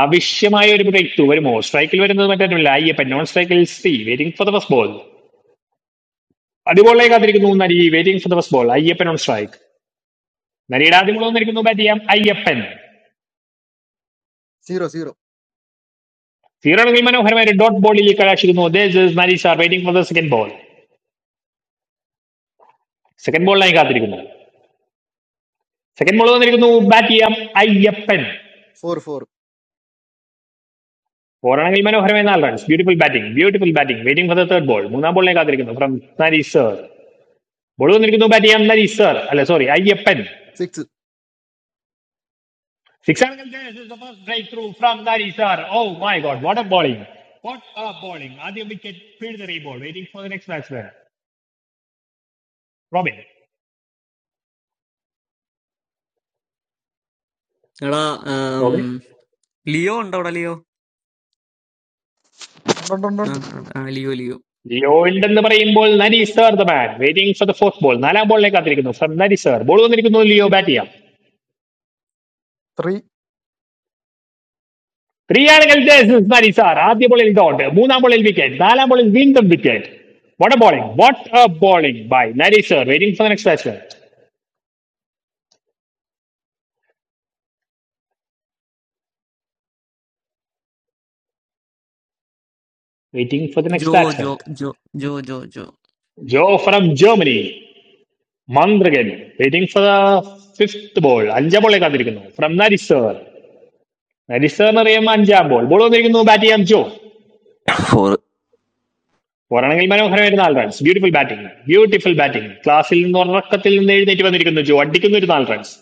Speaker 3: ആവശ്യമായ ഒരു ബ്രേക്ക് ത്രൂ വരുമോ സ്ട്രൈക്കിൽ വരുന്നത് മറ്റൊന്നുമില്ല അയ്യപ്പൻ നോൺ സ്ട്രൈക്കിൽ സി waiting for the first ball അടിബോളിലേക്ക് കാത്തിരിക്കുന്നു Nari waiting for the first ball Ayyappan on strike നരിയുടെ ആദ്യ ബോൾ വന്നിരിക്കുന്നു ബാറ്റ് ചെയ്യാം അയ്യപ്പൻ
Speaker 19: zero, zero,
Speaker 3: സീറോണെങ്കിൽ മനോഹരമായ ഒരു ഡോട്ട് ബോളിലേക്ക് കലാശിക്കുന്നു This is Nari sir waiting for the second ball second ബോളിനായി കാത്തിരിക്കുന്നു സെക്കൻഡ് ബോൾ വന്നിരിക്കുന്നു ബാറ്റ് ചെയ്യാം അയ്യപ്പൻ
Speaker 19: four, four,
Speaker 3: ഓവറാണെങ്കിൽ മനോഹരമായ നാല് runs beautiful batting beautiful batting waiting for the third ball മൂന്നാം ബോളിനെ കാത്തിരിക്കുന്നു ഫ്രം നരീഷ് സർ ബോൾ വന്നിരിക്കുന്നു ബാറ്റ് ചെയ്യാൻ നരീഷ് സർ അല്ല sorry Ayyappan
Speaker 19: six,
Speaker 3: six break through from Naresh sir oh my God what a bowling what a bowling ആദ്യം wicket പിഴുതെറിയ ball waiting for the next batsman Robin
Speaker 2: എടാ ആം,
Speaker 3: റോബിൻ
Speaker 2: ലിയോ ഉണ്ടോ അവിടെ Leo ആ,
Speaker 20: Three
Speaker 2: ആ, ആ, ലിയോ ലിയോ
Speaker 3: ലിയോ ഉണ്ടെന്ന് പറയുമ്പോൾ Naresh sir the man waiting for the fourth ball നാലാം ബോളിനെ കാത്തിരിക്കുന്നു ഫ്രം നരീഷ് സർ ബോൾ വന്നിരിക്കുന്നു ലിയോ ബാറ്റ് ചെയ്യാം ത്രീയാണെങ്കിൽ മതി സാർ ആദ്യ ബോളിൽ ഡോട്ട് മൂന്നാം ബോളിൽ വിക്കറ്റ് നാലാം ബോളിൽ വീണ്ടും wicket what a bowling what a bowling by Nari sir waiting for next batsman waiting for the next
Speaker 2: Joe
Speaker 3: batsman
Speaker 2: Joe Joe Joe Joe Joe
Speaker 3: Joe from Germany മന്ത്രകൻ waiting for the fifth ball അഞ്ചാം ബോളിൽ കാത്തിരിക്കുന്നു from നരി sir നരി sir എന്ന് പറയുമ്പോൾ അഞ്ചാം ball ball വന്നിരിക്കുന്നു ബാറ്റ് ചെയ്യാം ജോ
Speaker 21: four
Speaker 3: പോരാണെങ്കിൽ മനോഹരമായിട്ട് നാല് runs beautiful batting beautiful batting ക്ലാസ്സിൽ നിന്ന് ഉറക്കത്തിൽ നിന്ന് എഴുന്നേറ്റ് വന്നിരിക്കുന്നു ജോ അടിക്കുന്ന ഒരു നാല് runs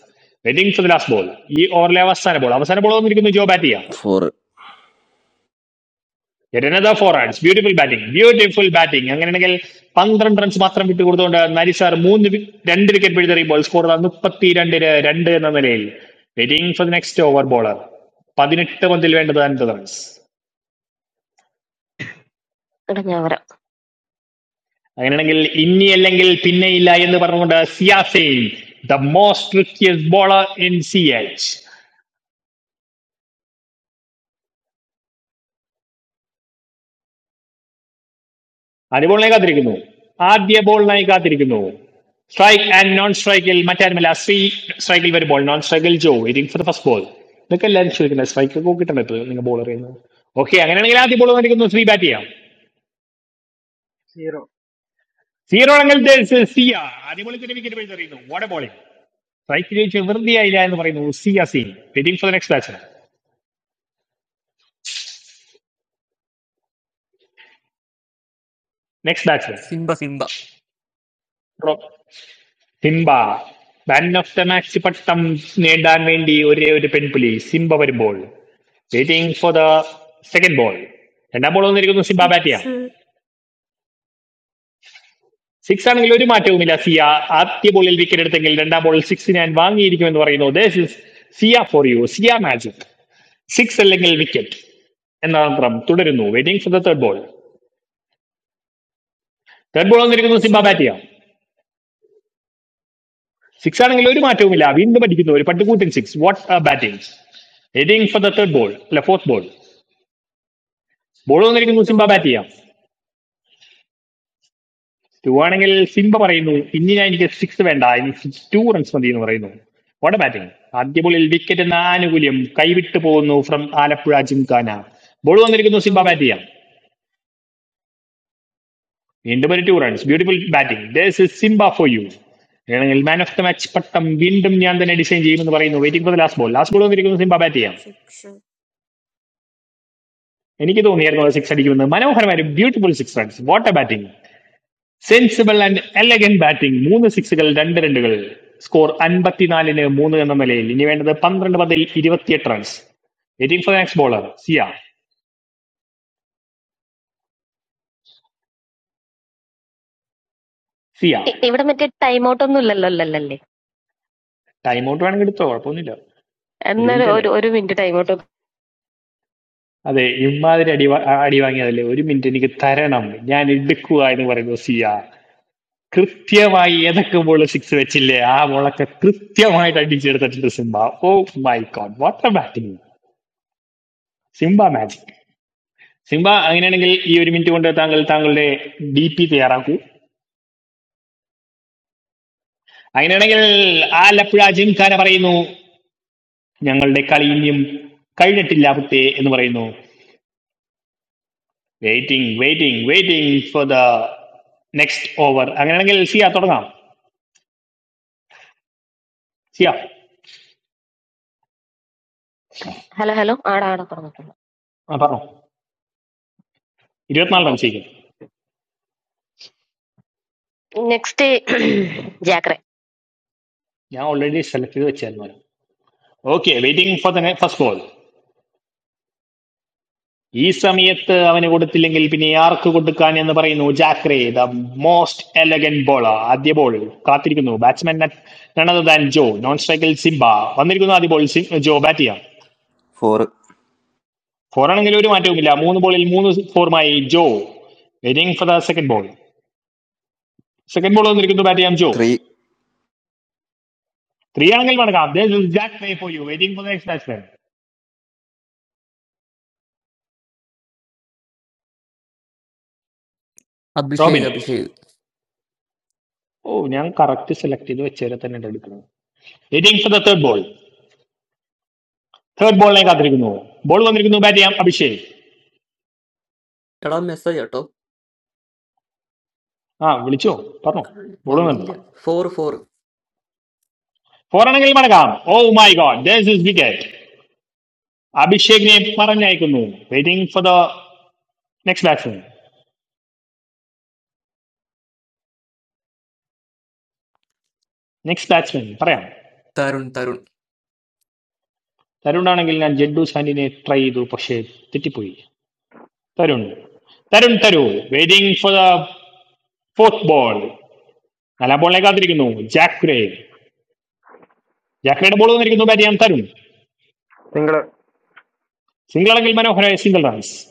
Speaker 3: waiting for the last ball ഈ ഓവറിലെ അവസാന ബോൾ അവസാന ബോൾ വന്നിരിക്കുന്നു ജോ ബാറ്റ് ചെയ്യാം
Speaker 21: four
Speaker 3: എരനദ four runs beautiful batting beautiful batting അങ്ങനെയാണെങ്കിൽ പന്ത്രണ്ട് റൺസ് മാത്രം വിട്ടുകൊടുത്തുകൊണ്ട് നരിസാർ മൂന്ന് വി- രണ്ട് വിക്കറ്റ് പിഴുതെറിയുമ്പോൾ സ്കോർ മുപ്പത്തി രണ്ടിന് രണ്ട് എന്ന നിലയിൽ waiting for the next over bowler പതിനെട്ട് പന്തിൽ വേണ്ടത് അൻപത് റൺസ്
Speaker 10: എടാ ഞാൻ വരാം
Speaker 3: അങ്ങനെയാണെങ്കിൽ ഇനി അല്ലെങ്കിൽ പിന്നെയില്ല എന്ന് പറഞ്ഞുകൊണ്ട് സിയാസെയിൻ the most riskiest bowler in C H ആദ്യ ബോളിനായി കാത്തിരിക്കുന്നു ആദ്യ ബോളിനായി കാത്തിരിക്കുന്നു സ്ട്രൈക്ക് ആൻഡ് നോൺ സ്ട്രൈക്കിൽ മറ്റാരുമല്ല ശ്രീ സ്ട്രൈക്കിൽ വരുമ്പോൾ നോൺ സ്ട്രൈക്കിൽ Joe waiting for the first ball ഇതൊക്കെ എല്ലാവരും ചോദിക്കുന്നത് സ്ട്രൈക്ക് ഒക്കെ കിട്ടണം ഇപ്പോൾ നിങ്ങൾ ബോൾ അറിയുന്നത് ഓക്കെ അങ്ങനെയാണെങ്കിൽ ആദ്യ ബോൾ വന്നിരിക്കുന്നു ശ്രീ ബാറ്റ് ചെയ്യാം സീറോ ആണെങ്കിൽ സിയ ആദ്യ ബോളിൽ തന്നെ വിക്കറ്റ് വീഴ്ത്തറിയുന്നു ഓടെ ബോളിംഗ് സ്ട്രൈക്ക് ജയിച്ച് വെറുതെയായില്ല എന്ന് പറയുന്നു സിയ സീൻ waiting for the next batsman next batsman
Speaker 2: Simba Simba
Speaker 3: Simba man of the match പട്ടം നേടാൻ വേണ്ടി ഒരേ ഒരു പെൺപുലി സിംബ വരുമ്പോൾ waiting for the second ball രണ്ടാം ബോൾ വന്നിരിക്കുന്നു സിംബ ബാറ്റ് ചെയ്യാം
Speaker 6: Six,
Speaker 3: സിക്സ് ആണെങ്കിൽ ഒരു മാറ്റവുമില്ല സിയ ആദ്യ ബോളിൽ വിക്കറ്റ് എടുത്തെങ്കിൽ രണ്ടാം ബോളിൽ സിക്സ് ഞാൻ വാങ്ങിയിരിക്കുമെന്ന് പറയുന്നു this is Siya for you Siya magic six അല്ലെങ്കിൽ വിക്കറ്റ് എന്ന തന്ത്രം തുടരുന്നു waiting for the third ball third ball വന്നിരിക്കുന്നു
Speaker 6: six,
Speaker 3: സിംബ ബാറ്റ് ചെയ്യാം സിക്സ് ആണെങ്കിൽ ഒരു മാറ്റവുമില്ല വീണ്ടും അടിക്കുന്നു ഒരു പട്ടുകൂട്ടൻ six what batting waiting for the third ball അല്ല ഫോർത്ത് ബോൾ ബോൾ വന്നിരിക്കുന്നു സിംബ ബാറ്റ്
Speaker 6: two,
Speaker 3: ചെയ്യാം ടു ആണെങ്കിൽ സിംബ പറയുന്നു ഇനി ഞാൻ എനിക്ക് സിക്സ് വേണ്ട എനിക്ക് സിക്സ് ടു റൺസ് മതി എന്ന് പറയുന്നു വാട്ട് എ ബാറ്റിംഗ് ആദ്യ ബോളിൽ വിക്കറ്റ് എന്ന ആനുകൂല്യം കൈവിട്ടു പോകുന്നു ഫ്രം ആലപ്പുഴ ജിംഖാന ബോൾ വന്നിരിക്കുന്നു സിംബ ബാറ്റ്
Speaker 6: two,
Speaker 3: ചെയ്യാം വീണ്ടും ഒരു two runs beautiful batting this is Simba for you വേണമെങ്കിൽ മാൻ ഓഫ് ദ മാച്ച് പട്ടം വീണ്ടും ഞാൻ തന്നെ ഡിസൈൻ ചെയ്യുമെന്ന് പറയുന്നു waiting for the last ball last ball വന്നിരിക്കുന്നു സിംബ ബാറ്റ് ചെയ്യാം
Speaker 6: six,
Speaker 3: എനിക്ക് തോന്നിയായിരുന്നു സിക്സ് അടിക്കുമെന്ന് മനോഹരമായ beautiful six runs what a batting sensible and elegant batting മൂന്ന് സിക്സുകൾ രണ്ട് രണ്ടുകൾ സ്കോർ അൻപത്തിനാലിന് മൂന്ന് എന്ന നിലയിൽ ഇനി വേണ്ടത് പന്ത്രണ്ട് പതിൽ ഇരുപത്തിയെട്ട് runs waiting for next bowler Siya Siya
Speaker 10: ഇ- ഇവിടെ മറ്റേ ടൈം ഔട്ട് ഒന്നും ഇല്ലല്ലോ അല്ലല്ലേ
Speaker 3: ടൈം ഔട്ട് വേണമെങ്കിൽ എടുത്തോ കുഴപ്പമൊന്നുമില്ല ഒരു
Speaker 10: എന്നൊരു
Speaker 3: മിനിറ്റ് അല്ലേ
Speaker 10: ഒരു ഒരു മിനിറ്റ് ടൈം ഔട്ട്
Speaker 3: അതെ ഇമാതിരി അടി വാ- അടി വാങ്ങിയതല്ലേ ഒരു മിനിറ്റ് എനിക്ക് തരണം ഞാൻ എടുക്കുക എന്ന് പറയുന്നു സിയ കൃത്യമായി ഏതൊക്കെ ബോൾ സിക്സ് വെച്ചില്ലേ ആ ബോളൊക്കെ കൃത്യമായിട്ട് അടിച്ചെടുത്തിട്ടുണ്ട് Simba oh my God what a batting Simba magic Simba അങ്ങനെയാണെങ്കിൽ ഈ ഒരു മിനിറ്റ് കൊണ്ട് താങ്കൾ താങ്കളുടെ ഡി പി തയ്യാറാക്കൂ അങ്ങനെയാണെങ്കിൽ ആലപ്പുഴ ജിംഖാന പറയുന്നു ഞങ്ങളുടെ കളി ഇനിയും കഴിഞ്ഞിട്ടില്ല കുട്ടേ എന്ന് പറയുന്നു waiting waiting waiting for the next over അങ്ങനെയാണെങ്കിൽ സിയ തുടങ്ങാം സിയ
Speaker 10: ഹലോ ഹലോ ആടാ ആടാ തുടങ്ങി
Speaker 3: ആ പറഞ്ഞു ഇരുപത്തിനാല് റൺസ്
Speaker 10: ഓക്കെ
Speaker 3: ചെയ്യും
Speaker 10: നെക്സ്റ്റ് ജാക്രെ
Speaker 3: ഞാൻ ഓൾറെഡി സെലക്ട് ചെയ്ത് വെച്ചായിരുന്നു okay waiting for the first ball ഈ സമയത്ത് അവന് കൊടുത്തില്ലെങ്കിൽ പിന്നെ ആർക്ക് കൊടുക്കാൻ എന്ന് പറയുന്നു ജാക്രേ ദ മോസ്റ്റ് എലഗൻ ബോളർ ആദ്യ ബോൾ കാത്തിരിക്കുന്നു batsman none other than Joe non സ്ട്രൈക്കിൽ സിംബ വന്നിരിക്കുന്നു ആദ്യ ബോൾ ജോ ബാറ്റ് ചെയ്യാം
Speaker 21: four
Speaker 3: ഫോർ ആണെങ്കിൽ ഒരു മാറ്റവുമില്ല മൂന്ന് ബോളിൽ മൂന്ന് ഫോറുമായി Joe waiting for the second ball second ball വന്നിരിക്കുന്നു ബാറ്റ് ചെയ്യാം ജോ
Speaker 21: three
Speaker 3: ത്രീ ആണെങ്കിൽ മടക്കാം ജാക്രേ for you waiting for the next batsman
Speaker 2: Abhishek
Speaker 3: Robin
Speaker 2: Abhishek
Speaker 3: ഓ ഞാൻ കറക്റ്റ് സെലക്ട് ചെയ്ത് വെച്ചേരെ തന്നെ എടുക്കുന്നത് waiting for the third ball third ബോളിനെ കാത്തിരിക്കുന്നു ബോൾ വന്നിരിക്കുന്നു ബാറ്റ് ചെയ്യാം അഭിഷേക്
Speaker 2: എടാ മെസ്സേജ് കേട്ടോ
Speaker 3: ആ വിളിച്ചോ പറഞ്ഞോ ഓടുന്നുണ്ട്
Speaker 2: വന്നില്ല ഫോർ ഫോർ
Speaker 3: പോരാണെങ്കിൽ മടങ്ങാം oh my God this is wicket അഭിഷേകിനെ പറഞ്ഞയക്കുന്നു waiting for the next batsman next batsman പറയാം
Speaker 2: തരുൺ തരുൺ
Speaker 3: തരുൺ ആണെങ്കിൽ ഞാൻ ജഡ്ഡു സാൻഡിനെ ട്രൈ ചെയ്തു പക്ഷേ തെറ്റിപ്പോയി തരുൺ തരുൺ തരു waiting for the fourth ball നാലാം ബോളിനെ കാത്തിരിക്കുന്നു ജാക്രേ ജാക്രയുടെ ബോൾ വന്നിരിക്കുന്നു ബാറ്റ് ചെയ്യാൻ തരുൺ
Speaker 15: Singal,
Speaker 3: സിംഗിൾ ആണെങ്കിൽ മനോഹരമായ സിംഗിൾ റൺസ്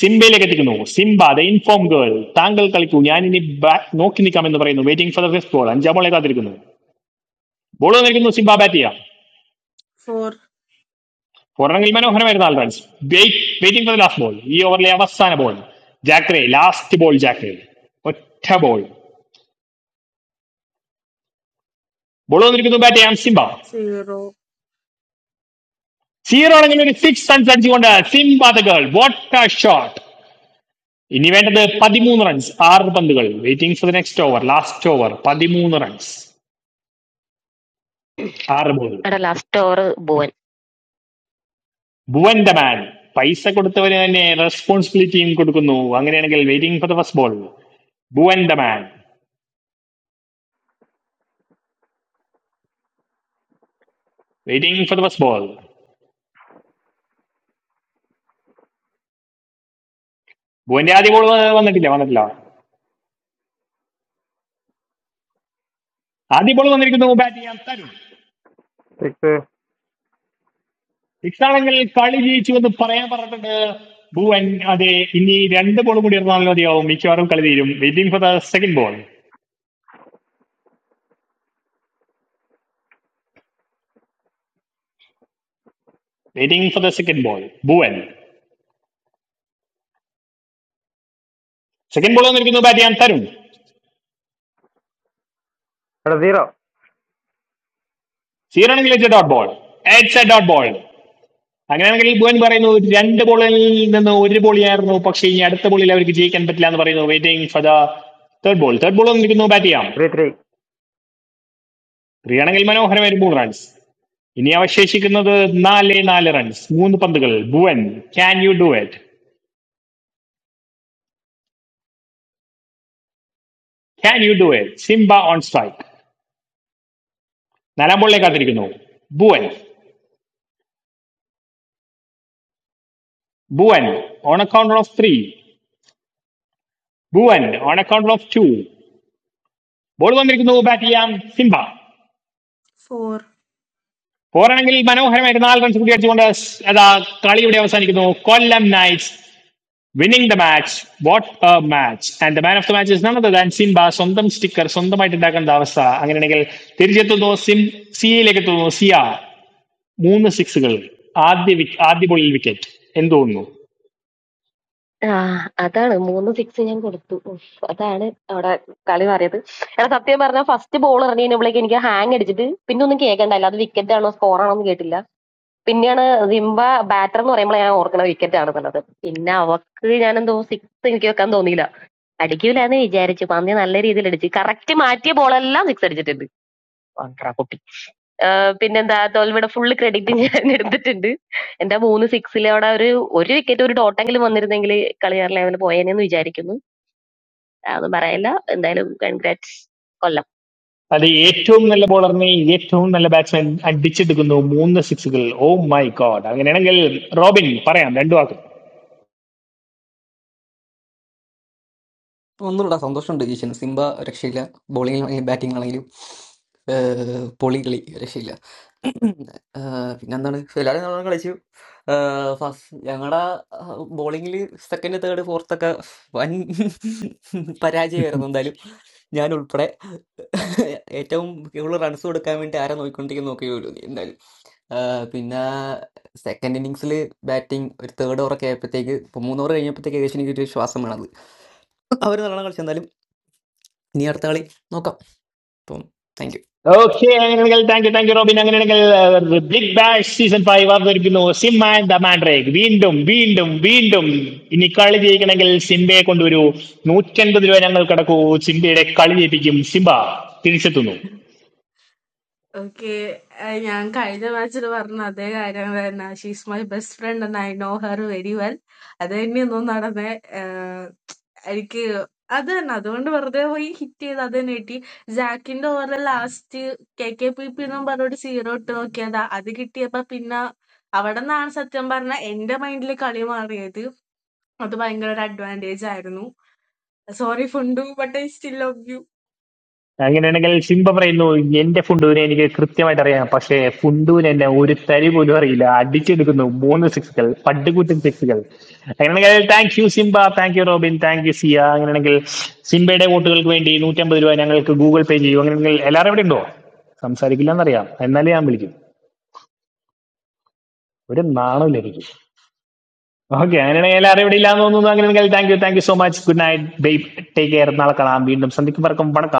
Speaker 3: സിംബയിലേക്ക് എത്തിക്കുന്നു സിംബ ദ ഇൻഫോം ഗേൾ താങ്കൾ കളിക്കൂ ഞാൻ ഇനി ബാറ്റ് നോക്കി നിൽക്കാം എന്ന് പറയുന്നു waiting for the first ball അഞ്ചാം ബോളെ കാത്തിരിക്കുന്നു ബോൾ വന്നിരിക്കുന്നു സിംബ ബാറ്റ് ചെയ്യാം
Speaker 6: four,
Speaker 3: ഫോറണെങ്കിൽ മനോഹരമായിരുന്ന ആൾ runs waiting for the last ball ഈ ഓവറിലെ അവസാന ബോൾ ജാക്രേ ലാസ്റ്റ് ബോൾ ജാക്രേ ഒറ്റ ബോൾ ബോൾ വന്നിരിക്കുന്നു ബാറ്റ് ചെയ്യാം സിംബ
Speaker 6: zero,
Speaker 3: സീറോ ആണെങ്കിൽ ഒരു സിക്സ് റൺസ് അടിച്ചുകൊണ്ട് Simba the girl what a shot ഇനി വേണ്ടത് പതിമൂന്ന് റൺസ് ആറ് പന്തുകൾ waiting for the next over last over പതിമൂന്ന് റൺസ് ആറ് ബോൾ
Speaker 10: അവിടെ ലാസ്റ്റ് ഓവർ ഭുവൻ
Speaker 3: ഭുവന്റെ മാൻ പൈസ കൊടുത്തവന് തന്നെ റെസ്പോൺസിബിലിറ്റിയും കൊടുക്കുന്നു അങ്ങനെയാണെങ്കിൽ waiting for the first ball ഭുവന്റെ man waiting for the first ball ഭുവന്റെ ആദ്യ ബോൾ വന്നിട്ടില്ല വന്നിട്ടില്ല ആദ്യ ബോൾ വന്നിരിക്കുന്നു ബാറ്റ് ചെയ്യാൻ തരും
Speaker 15: this.
Speaker 3: സിക്സ് ആണെങ്കിൽ കളി ജയിച്ചു എന്ന് പറയാൻ പറഞ്ഞിട്ടുണ്ട് ഭുവൻ അതെ ഇനി രണ്ട് ബോൾ കൂടി ഇറങ്ങാൻ മതിയാവും മിക്കവാറും കളി തീരും waiting for the second ball waiting for the second ball Bhuvan second ball വന്നിരിക്കുന്നു ബാറ്റ് ചെയ്യാൻ തരും
Speaker 15: Hello, zero.
Speaker 3: സീറോ ആണെങ്കിൽ a dot ball a dot ball അങ്ങനെയാണെങ്കിൽ ഭുവൻ പറയുന്നു രണ്ട് ബോളിൽ നിന്ന് ഒരു ബോളിയായിരുന്നു പക്ഷേ ഈ അടുത്ത ബോളിൽ അവർക്ക് ജയിക്കാൻ പറ്റില്ല എന്ന് പറയുന്നു waiting for the third ball third ball വന്നിരിക്കുന്നു ബാറ്റ് ചെയ്യാം
Speaker 15: Three three.
Speaker 3: ത്രീ ആണെങ്കിൽ മനോഹരമായ ഒരു മൂന്ന് റൺസ് ഇനി അവശേഷിക്കുന്നത് നാല് നാല് റൺസ് മൂന്ന് പന്തുകൾ Bhuvan can you do it can you do it Simba on strike നാലാം ബോളിലേക്ക് കാത്തിരിക്കുന്നു Bhuvan Bhuvan on account of three Bhuvan on account of two ball വന്നിരിക്കുന്നു ബാറ്റ് ചെയ്യാം സിംബ
Speaker 6: four.
Speaker 3: പോരാണെങ്കിൽ മനോഹരമായിട്ട് നാല് റൺസ് കൂടി അടിച്ചുകൊണ്ട് അതാ കളി ഇവിടെ അവസാനിക്കുന്നു Kollam knights winning the match what a match and the man of the match is none other than Simba സ്വന്തം സ്റ്റിക്കർ സ്വന്തമായിട്ട് ഉണ്ടാക്കേണ്ട അവസ്ഥ അങ്ങനെയാണെങ്കിൽ തിരിച്ചെത്തുന്നു സിം സിയിലേക്ക് എത്തുന്നു സിയ മൂന്ന് സിക്സുകൾ ആദ്യ wick- ആദ്യ ബോളിൽ വിക്കറ്റ് എന്ത് തോന്നുന്നു
Speaker 10: ആ അതാണ് മൂന്ന് സിക്സ് ഞാൻ കൊടുത്തു ഉഫ്, അതാണ് അവിടെ കളി മാറിയത് എടാ സത്യം പറഞ്ഞാൽ ഫസ്റ്റ് ബോൾ എറിഞ്ഞ കഴിഞ്ഞപ്പോഴേക്ക് എനിക്ക് ഹാങ് അടിച്ചിട്ട് പിന്നെ ഒന്നും കേൾക്കണ്ടല്ല അത് വിക്കറ്റ് ആണോ സ്കോർ ആണോ എന്ന് കേട്ടില്ല പിന്നെയാണ് സിംബ ബാറ്റർ എന്ന് പറയുമ്പോൾ ഞാൻ ഓർക്കണ വിക്കറ്റ് ആണ് എന്നുള്ളത് പിന്നെ അവക്ക് ഞാൻ എന്തോ സിക്സ് എനിക്ക് വെക്കാൻ തോന്നിയില്ല അടിക്കൂലെന്ന് വിചാരിച്ചു പന്നി നല്ല രീതിയിൽ അടിച്ച് കറക്റ്റ് മാറ്റിയ ബോളെല്ലാം സിക്സ് അടിച്ചിട്ടുണ്ട് ആഹ് പിന്നെന്താ തോൽവിയുടെ ഫുൾ ക്രെഡിറ്റ് ഞാൻ എടുത്തിട്ടുണ്ട്. എന്റെ മൂന്ന് സിക്സിലവിടെ ഒരു ഒരു വിക്കറ്റ് ഒരു ഡോട്ടെങ്കിലും വന്നിരുന്നെങ്കിൽ കളി വേറെ ലെവലിൽ പോയേനെന്ന് വിചാരിക്കുന്നു. അതൊന്നും പറയല്ല. എന്തായാലും കൺഗ്രാറ്റ്സ് കൊല്ലം.
Speaker 3: അത് ഏറ്റവും നല്ല ബോളറിനെ ഏറ്റവും നല്ല ബാറ്റ്സ്മാൻ അടിച്ചെടുക്കുന്നു മൂന്ന് സിക്സുകൾ ഓ മൈ ഗോഡ് അങ്ങനെയാണെങ്കിൽ റോബിൻ പറയാം രണ്ടു വാക്ക്
Speaker 2: ഒന്നുകൂടെ സന്തോഷമുണ്ട് ജിഷൻ സിംബ രക്ഷയില്ല ബോളിങ്ങിലാണെങ്കിലും ബാറ്റിങ്ങിലാണെങ്കിലും ഏഹ്, പൊളി കളി രക്ഷയില്ല ഏഹ്, പിന്നെന്താണ് എല്ലാവരും നമ്മൾ കളിച്ചു ഫസ്റ്റ് ഞങ്ങളുടെ ബോളിങ്ങിൽ സെക്കൻഡ് തേർഡ് ഫോർത്ത് ഒക്കെ വൻ പരാജയമായിരുന്നു എന്തായാലും ഞാൻ ഉൾപ്പെടെ ഏറ്റവും കൂടുതൽ റൺസ് കൊടുക്കാൻ വേണ്ടി ആരാ നോക്കിക്കൊണ്ടിരിക്കുന്ന നോക്കിയുള്ളൂ എന്തായാലും ആഹ് പിന്നെ സെക്കൻഡ് ഇന്നിങ്സിൽ ബാറ്റിംഗ് ഒരു തേർഡ് ഓവറൊക്കെ ആയപ്പോഴത്തേക്ക് ഇപ്പോൾ മൂന്ന് ഓവർ കഴിഞ്ഞപ്പോഴത്തേക്ക് ഏകദേശം എനിക്കൊരു ശ്വാസം വേണത് അവർ നല്ലോണം കളിച്ചു ഇനി അടുത്ത കളി നോക്കാം അപ്പം താങ്ക് യു
Speaker 3: ഓക്കെ അങ്ങനെയാണെങ്കിൽ thank you thank you Robin അങ്ങനെയാണെങ്കിൽ ബിഗ് ബാഷ് സീസൺ ഫൈവ് അവതരിപ്പിക്കുന്നു സിംബ ആൻഡ് ദ മാൻഡ്രേക്ക് വീണ്ടും വീണ്ടും വീണ്ടും ഇനി കളി ജയിക്കണമെങ്കിൽ സിംബയെ കൊണ്ടുവരൂ നൂറ്റൻപത് രൂപ ഞങ്ങൾ കടക്കൂ സിംബയുടെ കളി ജയിപ്പിക്കും സിംബ തിരിച്ചെത്തുന്നു
Speaker 6: Okay, I am kind of match Varna. She's my best friend and I know her very well. അത് തന്നെയൊന്നും നടന്നേ. ഏഹ് എനിക്ക് അത് തന്നെ അതുകൊണ്ട് വെറുതെ പോയി ഹിറ്റ് ചെയ്ത് അത് തന്നെ കിട്ടി. ജാക്കിന്റെ over last K K P P എന്നും പറഞ്ഞോട്ട് സീറോ ഇട്ട് നോക്കിയതാ. അത് കിട്ടിയപ്പോ പിന്നെ അവിടെ നിന്നാണ് സത്യം പറഞ്ഞ എന്റെ മൈൻഡിൽ കളി മാറിയത്. അത് ഭയങ്കര ഒരു അഡ്വാൻറ്റേജ് ആയിരുന്നു. Sorry Fundu, but I still love
Speaker 3: അങ്ങനെയാണെങ്കിൽ സിംബ പറയുന്നു എന്റെ ഫുണ്ടൂനെ എനിക്ക് കൃത്യമായിട്ട് അറിയാം പക്ഷേ ഫുണ്ടൂന് എന്നെ ഒരു തരി പോലും അറിയില്ല അടിച്ചെടുക്കുന്നു മൂന്ന് സിക്സുകൾ പട്ടുകൂറ്റൻ സിക്സുകൾ അങ്ങനെയാണെങ്കിൽ thank you Simba thank you Robin thank you Siya അങ്ങനെയാണെങ്കിൽ സിംബയുടെ വോട്ടുകൾക്ക് വേണ്ടി നൂറ്റമ്പത് രൂപ ഞങ്ങൾക്ക് ഗൂഗിൾ പേ ചെയ്യൂ അങ്ങനെയാണെങ്കിൽ എല്ലാവരും ഇവിടെ ഉണ്ടോ സംസാരിക്കില്ല എന്നറിയാം എന്നാലേ ഞാൻ വിളിക്കും ഒരു നാണമില്ല എനിക്ക് ഓക്കെ അങ്ങനെയാണെങ്കിൽ എല്ലാവരും ഇവിടെ ഇല്ലാന്ന് തോന്നുന്നു അങ്ങനെയാണെങ്കിൽ thank you thank you so much good night bye take care നാളെ കാണാം വീണ്ടും സന്ധിക്കും പറക്കും വണക്കം